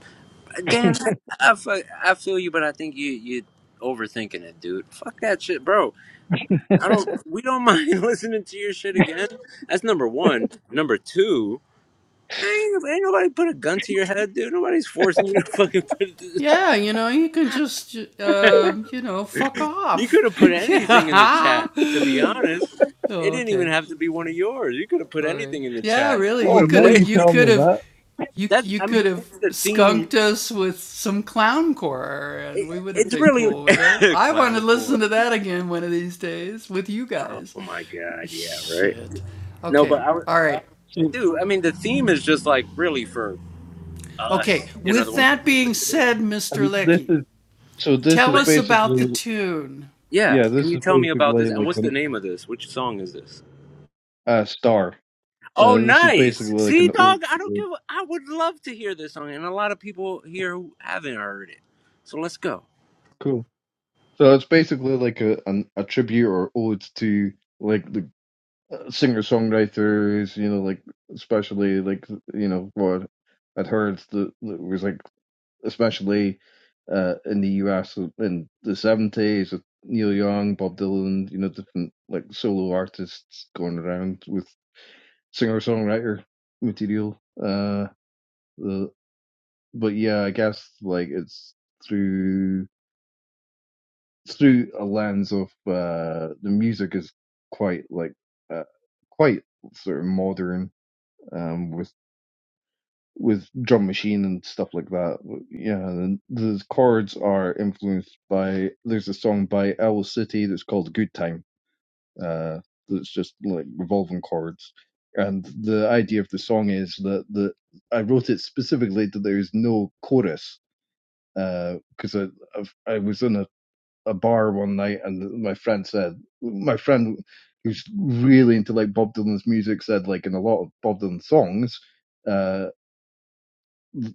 Dan, I, I, fu- I feel you, but I think you you overthinking it, dude. Fuck that shit, bro. I don't. We don't mind listening to your shit again. That's number one. Number two, ain't, ain't nobody put a gun to your head, dude. Nobody's forcing you to fucking put. You could have put anything in the chat. To be honest, it didn't even have to be one of yours. You could have put anything in the chat. We would
Oh,
have
now
played.
you tell me that.
That I mean, it's the theme. It, it's really clown core. Oh oh my god, yeah, right. No, but I, would- uh,
So
dude, I mean, the theme is just like really for us, you know, the ones. Who
and this is so this is
but
basically
yeah,
yeah,
can
this
you
is
tell me about
basically
this? And
like
what's the
an
name of this? Which song is this?
uh, star.
Oh,
Uh, this is basically
nice.
like
See,
an ode.
dog, I don't
to-
give. A, I would love to hear this song, and a lot of people here who haven't heard it. So let's go.
Cool. So it's basically like a an, a tribute or ode to like the singer songwriters. You know, like especially like you know what I'd heard that, that was like especially uh, in the US in the seventies with Neil Young, Bob Dylan, you know, different like solo artists going around with singer songwriter material. Uh, the, but yeah, I guess like it's through through a lens of uh, the music is quite like uh, quite sort of modern. Um, with with drum machine and stuff like that. But, Yeah, and the chords are influenced by. There's a song by Owl City that's called "Good Time." Uh, that's just like revolving chords, and the idea of the song is that the I wrote it specifically that there is no chorus because I I've, I was in a, a bar one night and my friend said my friend who's really into like Bob Dylan's music said like in a lot of Bob Dylan songs. Uh,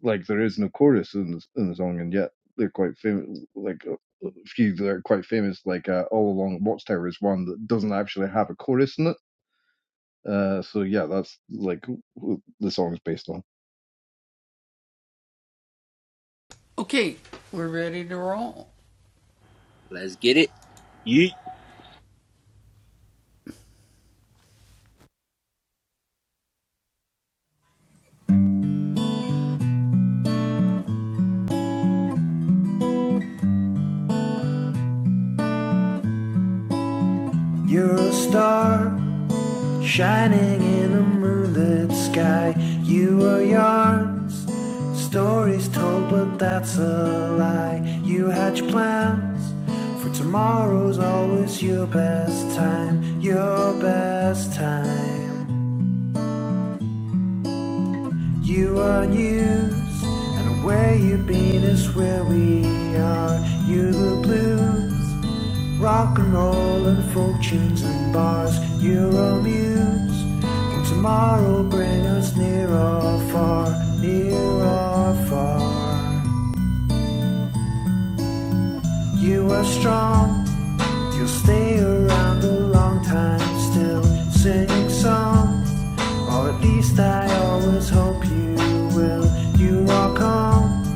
like there is no chorus in the, in the song, and yet they're quite famous. Like a a few that are quite famous, like uh, "All Along the Watchtower" is one that doesn't actually have a chorus in it. Uh, so yeah, that's like w- the song is based on.
Let's get it. Yeet,
You're a star Shining in a moonlit sky, you are yarns. Stories told, but that's a lie. You hatch plans, for tomorrow's always your best time, your best time. You are news, and where you've been is where we are. You the blues. Rock and roll and fortunes and bars, Euro muse. And tomorrow bring us near or far, near or far. You are strong, you'll stay around a long time still. Sing song, or at least I always hope you will. You are calm,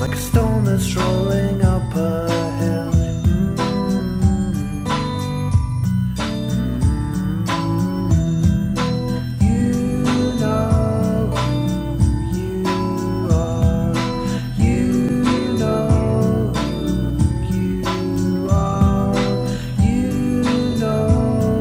like a stone that's rolling up a hill. Mm, mm, mm.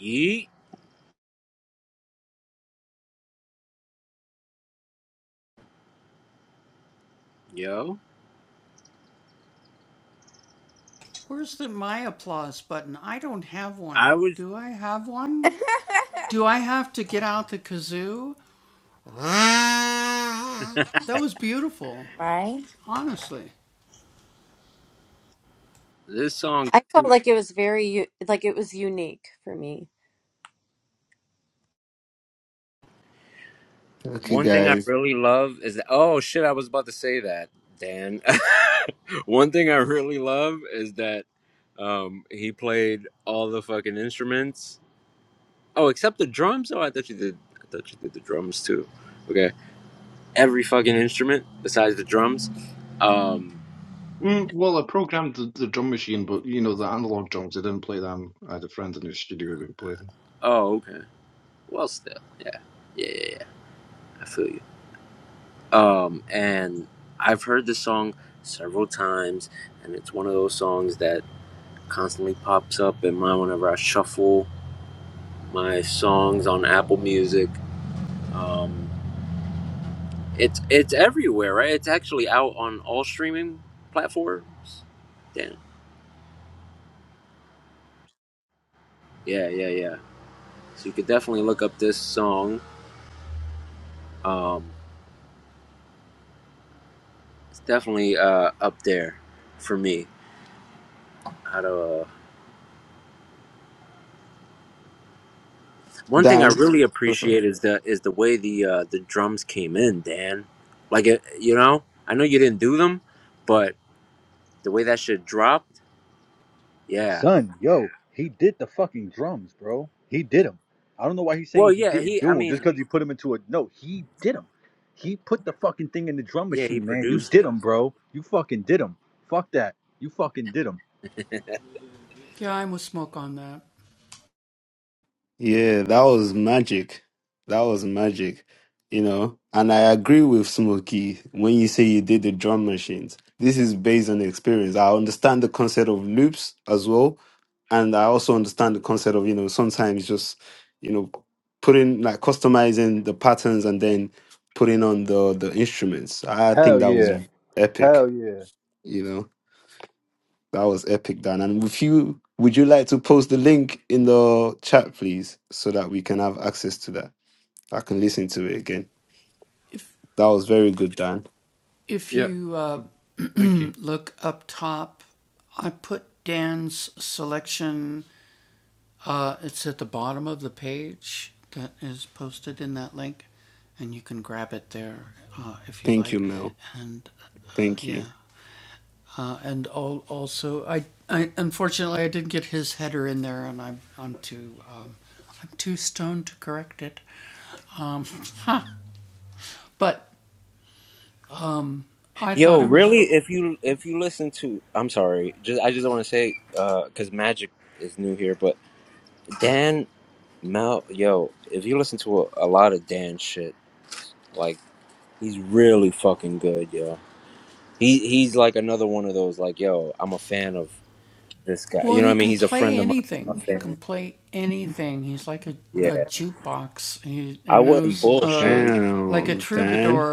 yeet, yo. I was
right?
this song.
Okay,
One thing I
guys.
really love is that, oh shit, I was about to say that, Dan. One thing I really love is that um, he played all the fucking instruments. Oh, except the drums. Oh, I thought you did. I thought you did the drums too. Okay, every fucking instrument besides the drums. Um.
Mm, well, I programmed the, the drum machine, but you know the analog drums. I didn't play them. I had a friend in the studio who played them.
Oh, okay. Well, still, yeah, yeah, yeah. yeah. I feel you. Um, and I've heard this song several times, and it's one of those songs that constantly pops up in mine whenever I shuffle my songs on Apple Music. Um, it's it's everywhere, right? It's actually out on all streaming platforms. Damn. Yeah, yeah, yeah. So you could definitely look up this song. Um, it's definitely uh, up there for me. How to, uh, one thing I
Dan,
really
I'm sorry.
appreciate is the is the way the uh, the drums came in, Dan. Like it, you know, I know you didn't do them, but the way that shit dropped, yeah,
Son, yo, he did the fucking drums, bro. He did them. I don't know why he's
Well,
saying he
yeah,
didn't
he. I
do them just
mean,
because he put them into a. No, he did them. He put the fucking thing in the drum
yeah, he
machine, man. You
produced
did
it.
them, bro. You fucking did them. Fuck that. You fucking did them.
yeah, that was magic. That was magic, you know. And I agree with Smokey when you say you did the drum machines. This is based on experience. I understand the concept of loops as well, and I also understand the concept of you know sometimes just you know putting like customizing the patterns and then putting on the the instruments. I think
Hell
that was
yeah.
epic,
Hell yeah.
you know. That was epic, Dan. And if you would you like to post the link in the chat, please, so that we can have access to that? I can listen to it again. That was very good, Dan.
Yeah, thank you.
Thank you, Mel. Thank you.
Yo, really? If you if you listen to, I'm sorry, just I just want to say, uh, because Magic is new here, but Dan Mel, yo, if you listen to a, a lot of Dan shit, like he's really fucking good, yo. He he's like another one of those, like, yo, I'm a fan of this guy. You know what I mean? He's a friend of mine. I'm a fan. Yeah, I wouldn't bullshit. Either.
Damn, Dan.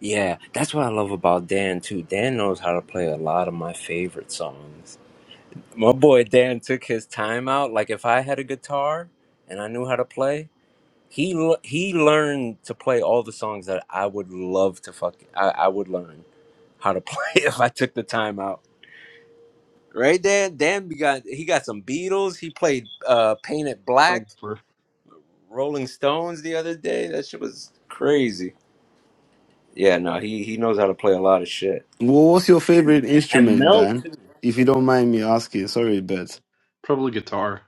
Yeah, that's what I love about Dan too. Dan knows how to play a lot of my favorite songs. My boy Dan took his time out. Like if I had a guitar and I knew how to play, he l- he learned to play all the songs that I would love to fuck. I, I would learn how to play if I took the time out. Right, Dan. Dan be got he got some Beatles. He played uh, Painted Black,
Thanks, Cliff.
Rolling Stones the other day. That shit was crazy. Yeah, no, he he knows how to play a lot of shit.
Well, what's your favorite
And
instrument,
Mel
Dan?
too.
If you don't mind me asking, sorry, but
Probably guitar.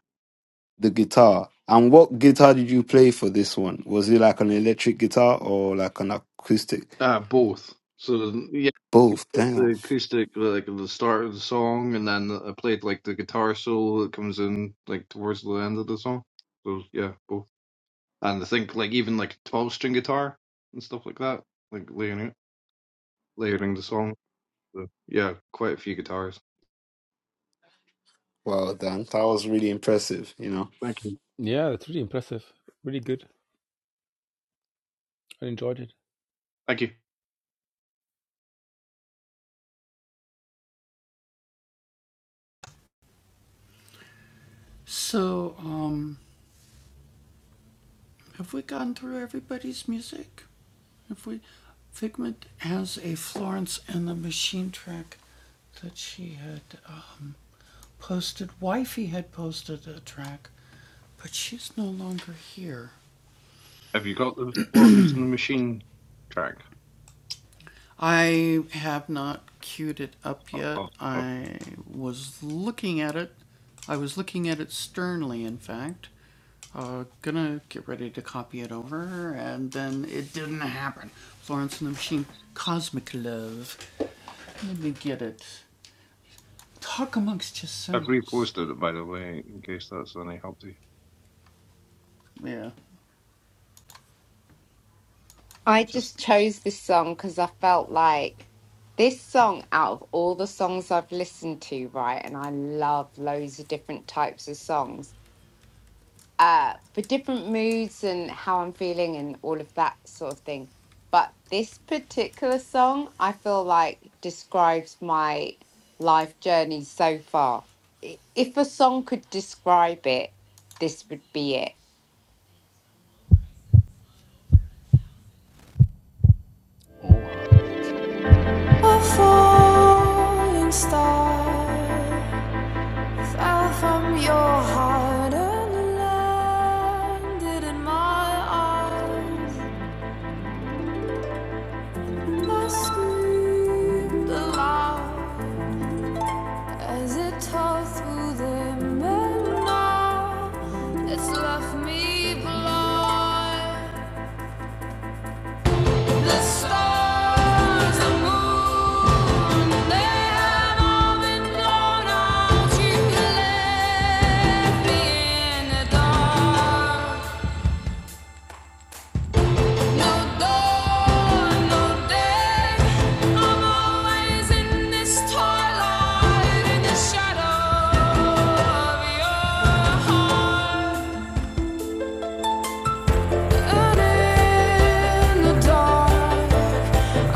the guitar. And what guitar did you play for this one? Was it like an electric guitar or like an acoustic?
Uh, both. So yeah,
Both. Damn.
the acoustic, like at the start of the song, and then I played like the guitar solo that comes in like towards the end of the song. So yeah, both. And I think like even like twelve string guitar and stuff like that, like layering it, layering the song. So, yeah, quite a few guitars.
Wow, Dan. That was really impressive, you know.
Thank you. Thank you. Have you got the ones in the machine track? I've, I've I've reposted it by the way, in case that's any help to you.
I just chose this song because I felt like this song, out of all the songs I've listened to, right, and I love loads of different types of songs, uh, for different moods and how I'm feeling and all of that sort of thing. But this particular song, I feel like describes my life journey so far. I- If a song could describe it, this would be it.
falling star fell from your heart and landed in my arms. And I screamed aloud as it tore through them, and now it's left me blind. Dark.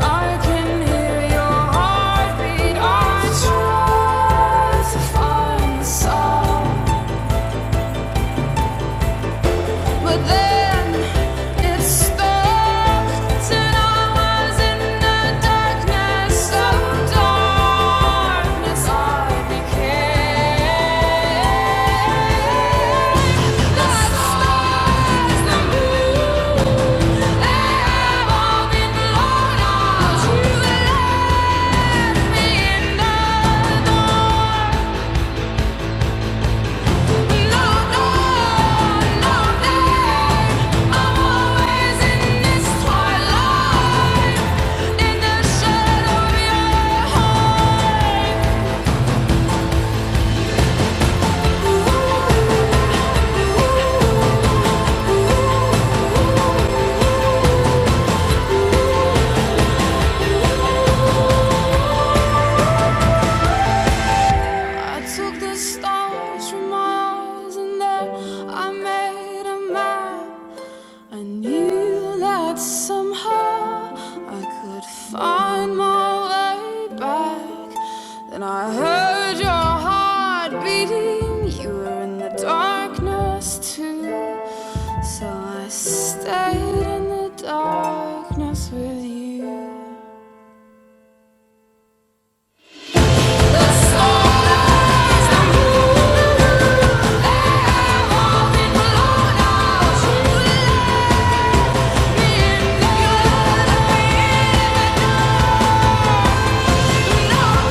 Heart beat, I try to find some But then it stopped, and I was in the darkness of darkness. I became the stars, the moon. They have all been blown out. You let me in the I took the stars from my eyes and there I made a map. I knew that somehow I could find my way back. Then I heard your heart beating, you were in the darkness too. So I stayed in the darkness with you. The storm is the moon, I'm walking alone now. You let me in, you let me in. We don't know.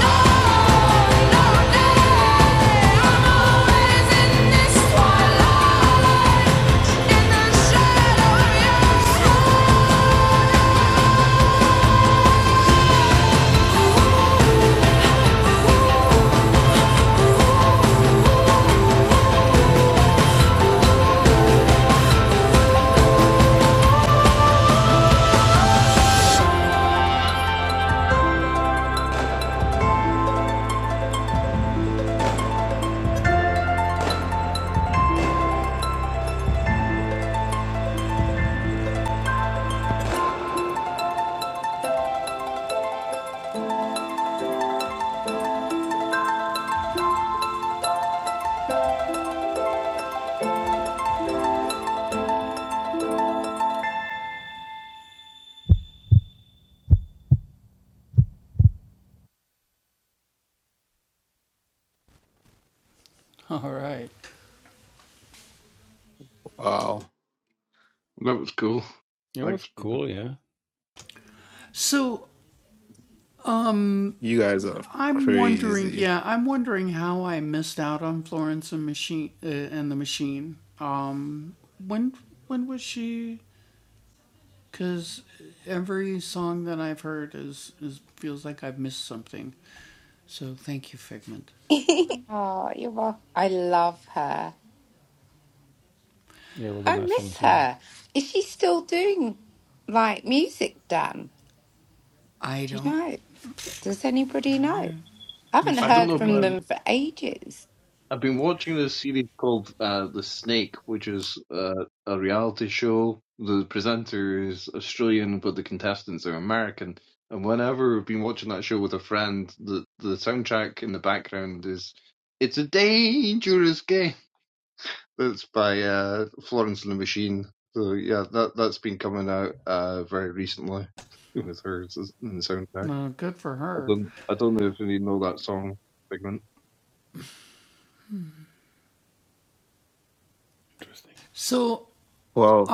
Wow.
That was cool. Thanks. For,
You guys are crazy.
oh, you're welcome. I love her. I miss her. Is she still doing like music, Dan? Do you know? Does anybody know? I haven't
I don't
heard
know,
from
but
them for ages.
I've been watching this series called uh, The Snake, which is uh, a reality show. The presenter is Australian, but the contestants are American. And whenever we've been watching that show with a friend, the, the soundtrack in the background is "It's a Dangerous Game." That's by uh, Florence and the Machine. So yeah, that that's been coming out uh, very recently with her in the soundtrack. I don't I don't know if you know that song, Figment.
Wow.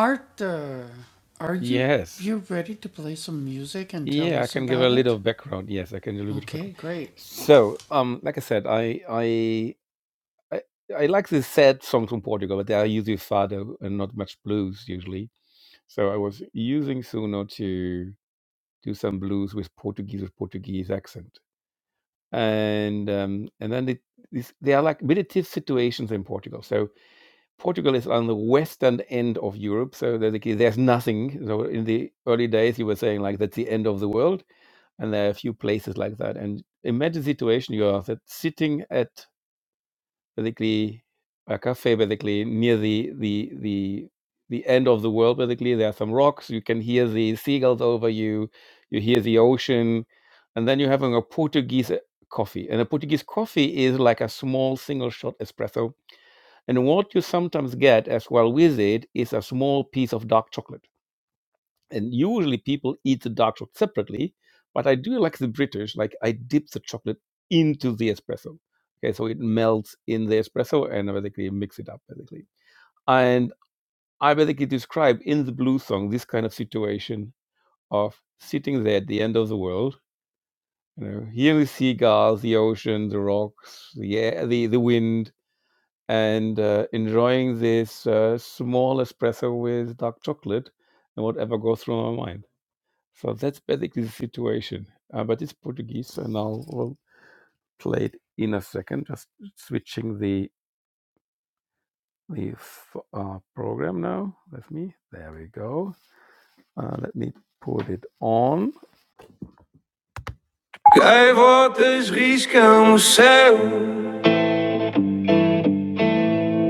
Gaivotas riscam o céu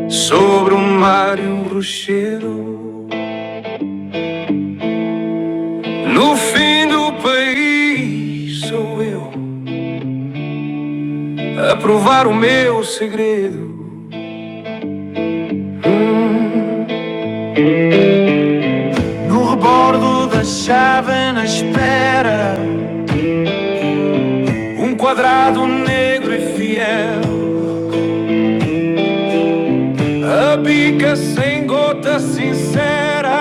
sobre o mar e o rochedo. No fim do país sou eu a provar o meu segredo. No rebordo da chave na espera, um quadrado negro e fiel. A bica sem gota sincera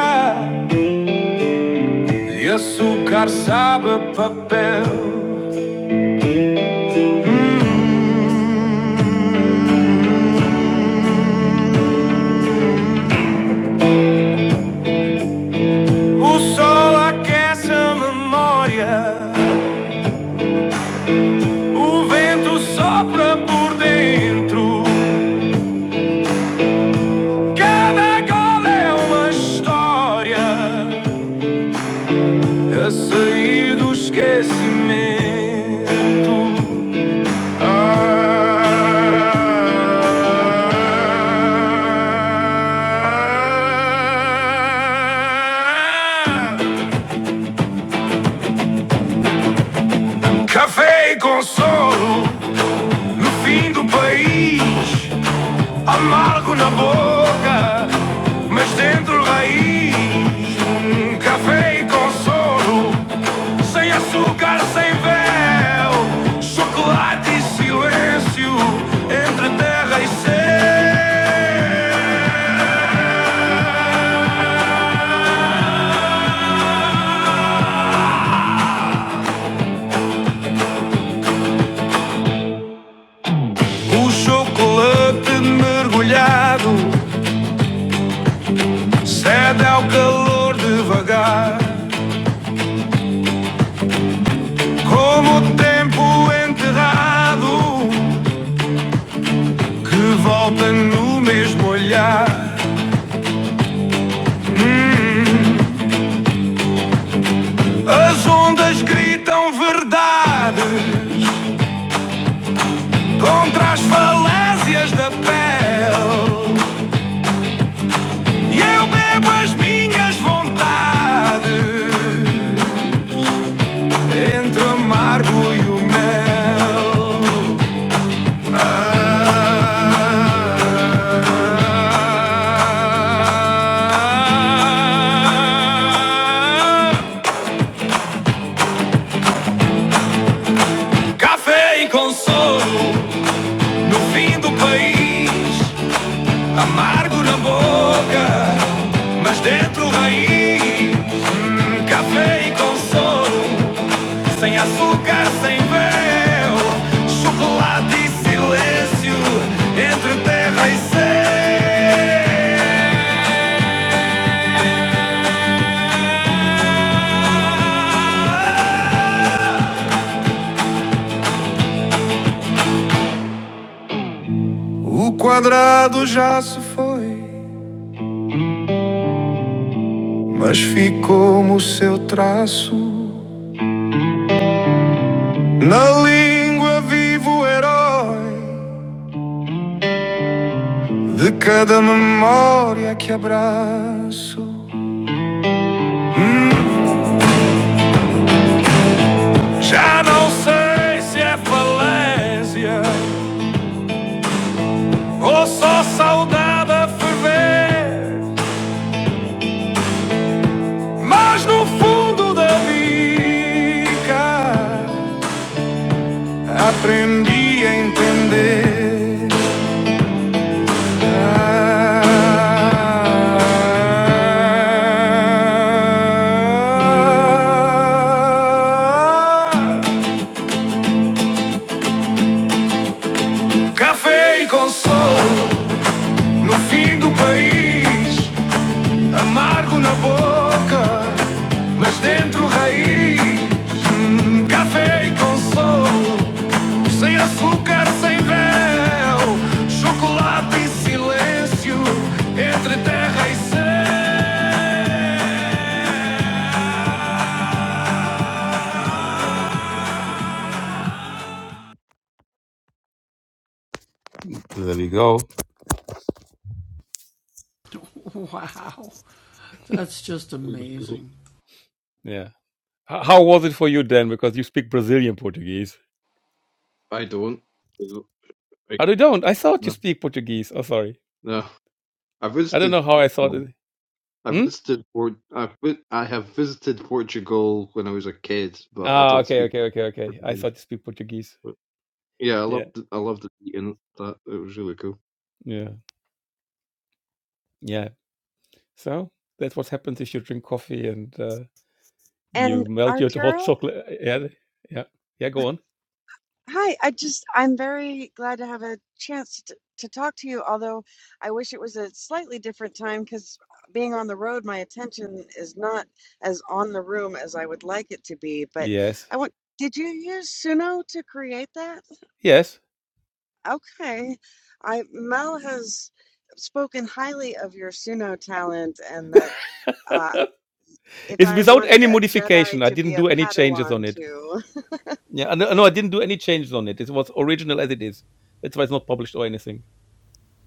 de açúcar sabe a papel. O sol aquece a memória. O vento sopra por dentro, cada gola é uma história a sair do esquecimento. Ah, café e consolo no fim do país, amargo na boca, mas dentro raiz. Um café e consolo, sem açúcar, sem véu, chocolate e silêncio, entre terra e céu. O chocolate mergulhado cede ao calor devagar, como o tempo enterrado que volta no mesmo olhar. As ondas gritam verdade contra as falésias da pele. E eu bebo as minhas vontades entre o amargo e o mel. Ah, Café e consolo no fim do país. Amargo na boca, mas dentro raiz. Café e consolo, sem açúcar, sem véu. Chocolate e silêncio, entre terra e céu. O quadrado já se foi, mas ficou o seu traço. Na língua vivo o herói de cada memória que abraço. Já não sei se é falésia ou só saudade a ferver, mas no fundo da bica aprendi a entender. Ah, Café e consolo no fim do país. Amargo na boca, mas dentro raiz. Hum, café e consolo, sem açúcar, sem véu. Chocolate e silêncio, entre terra e céu.
Oh, cool. I don't. No, no. I visited. Portugal. I visited. Port. I vi- I have visited Portugal when I was a kid, but I don't speak Portuguese. But yeah, I loved. It. I loved it eating that. It was really cool.
and Arturo, hi. I just I'm very glad to have a chance to, to talk to you. Although I wish it was a slightly different time because being on the road, my attention is not as on the room as I would like it to be. But I want. Did you use Suno to create that? Okay, I Mel has spoken highly of your Suno talent and that. Uh, if I wanted a Jedi to be a Padawan too.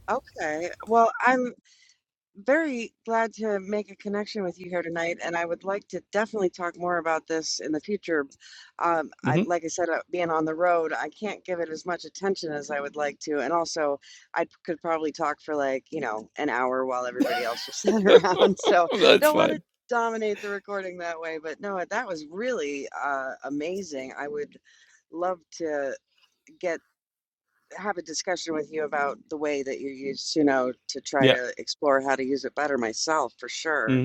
Okay. Well, I'm very glad to make a connection with you here tonight, and I would like to definitely talk more about this in the future. Um, I, like I said, uh, being on the road, I can't give it as much attention as I would like to, and also I could probably talk for like, you know, an hour while everybody else just sat around. So don't want to dominate the recording that way, but no, that was really uh, amazing. I would love to. get. have a discussion with you about the way that you use, you know, to try to explore how to use it better myself for sure.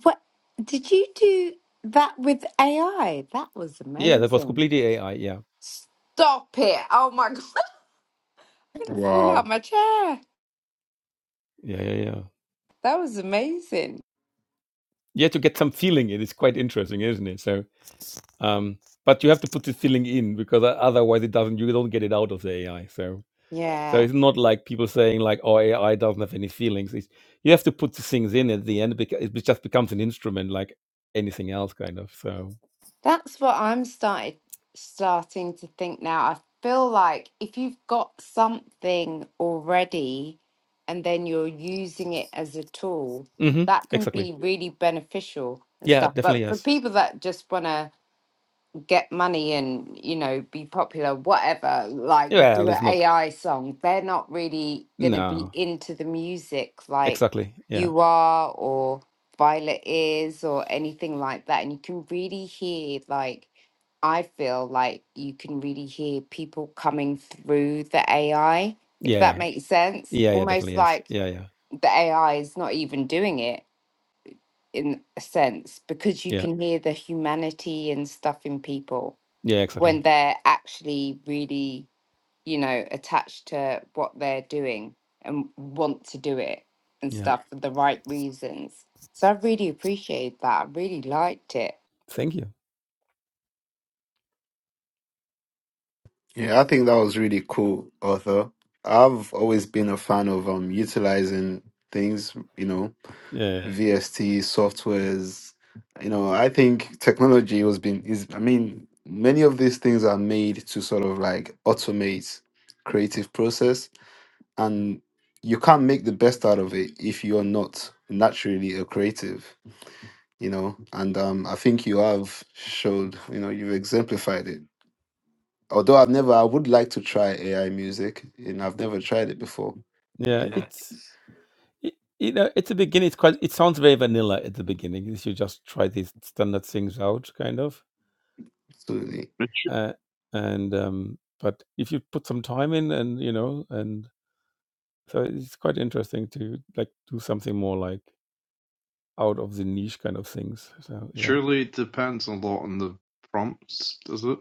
What did you do that with AI? That was amazing. Stop it. Oh my God. I'm going to fall
Wow.
out my chair. That was amazing. Yeah. That's what I'm started starting to think now. I feel like if you've got something already and then you're using it as a tool, that can be really beneficial and stuff. But for people that just want to get money and you know be popular whatever like do an ai song they're not really going to be into the music like you are or violet is or anything like that and you can really hear like i feel like you can really hear people coming through the ai if that makes sense almost like the ai is not even doing it in a sense because you can hear the humanity and stuff in people when they're actually really, you know, attached to what they're doing and want to do it and stuff for the right reasons. So I really appreciated that. I really liked it.
Yeah, I think that was really cool, Arthur. I've always been a fan of um utilizing things, you know, VST softwares. You know, I think technology has been is I mean, many of these things are made to sort of like automate creative process and you can't make the best out of it if you're not naturally a creative you know and um i think you have showed you know you've exemplified it although i've never i would like to try ai music and i've never tried it before you know Yeah. absolutely
It surely depends a lot on the prompts, does it?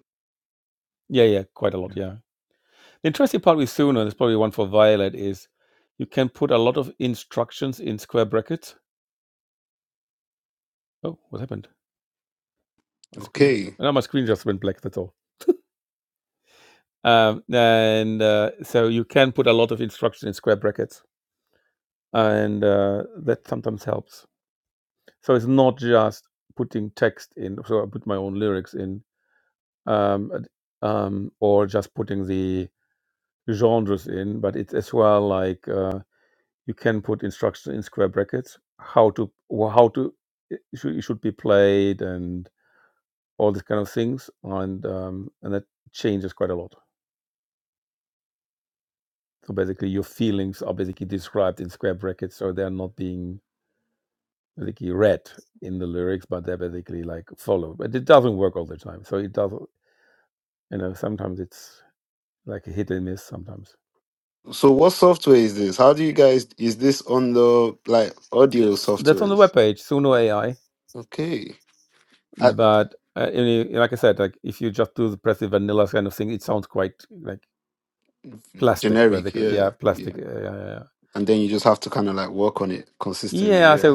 okay so what software is this how do you guys is this on the like audio softwares okay Uh generic yeah yeah and then you just have to kind of like work on it consistently Yeah.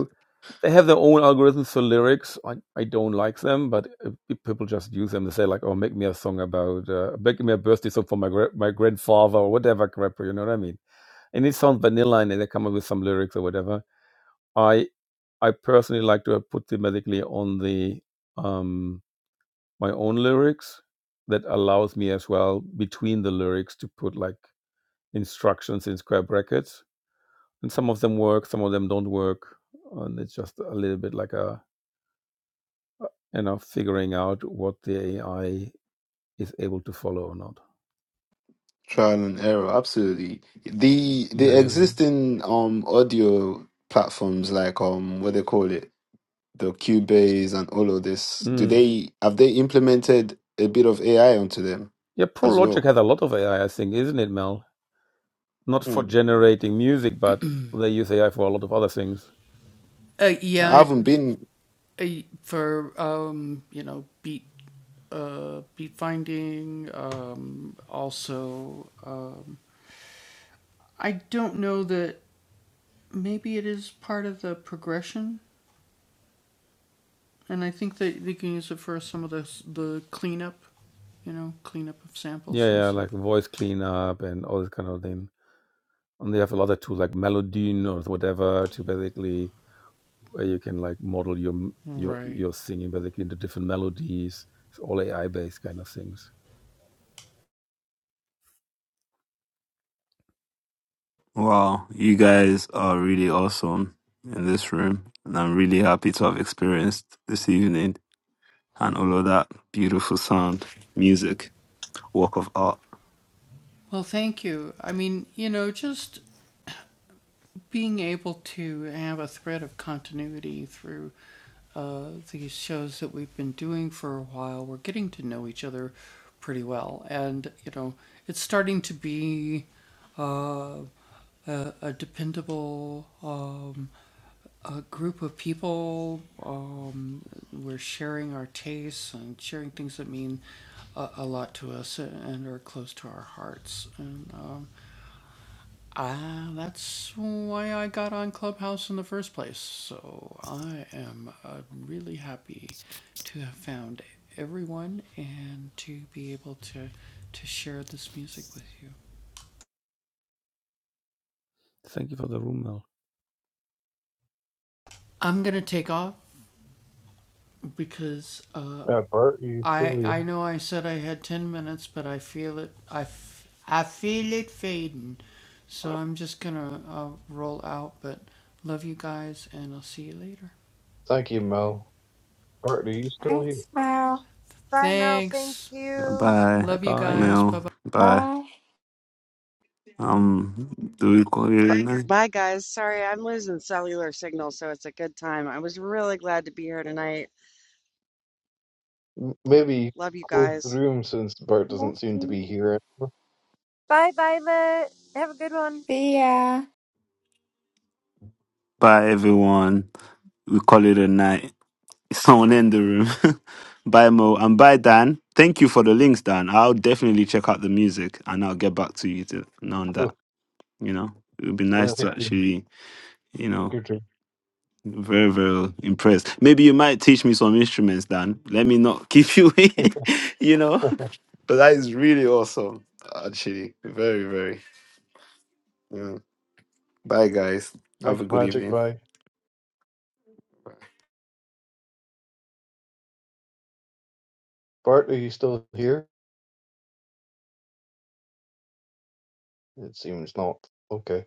Trial and error, absolutely. The the existing um audio platforms like um what they call it, the Cubase and all of this, do they have they implemented a bit of AI onto them as well? Hmm. I haven't been Wow, you guys are really awesome in this room, and I'm really happy to have experienced this evening and all of that beautiful sound, music, work of art.
Yeah, Bert, are you still here? Thank you, Mel. Bert, are you still here?
Thanks, Mel.
Bye, Mel. Bye.
Bye.
Um, do we call it a night?
Bye, guys. Sorry, I'm losing cellular signal, so it's a good time. I was really glad to be here tonight.
M- Maybe you
Love you
could close the
guys.
room since Bert
Love
doesn't seem to be
you.
here. anymore.
See ya.
Bye, everyone. We call it a night. Someone in the room. bye, Mo. And bye, Dan. Thank you for the links, Dan. I'll definitely check out the music and I'll get back to you to, on that.
Cool.
You know, it would be nice
Yeah,
to
that's been
actually, you know,
good.
very, very impressed. Maybe you might teach me some instruments, Dan. Let me not keep you, you know. But that is really awesome, actually. Very, very. Yeah. Bye, guys. Have
Thanks,
a good
Magic.
evening.
Bye. Bart, are you still here? It seems not. Okay.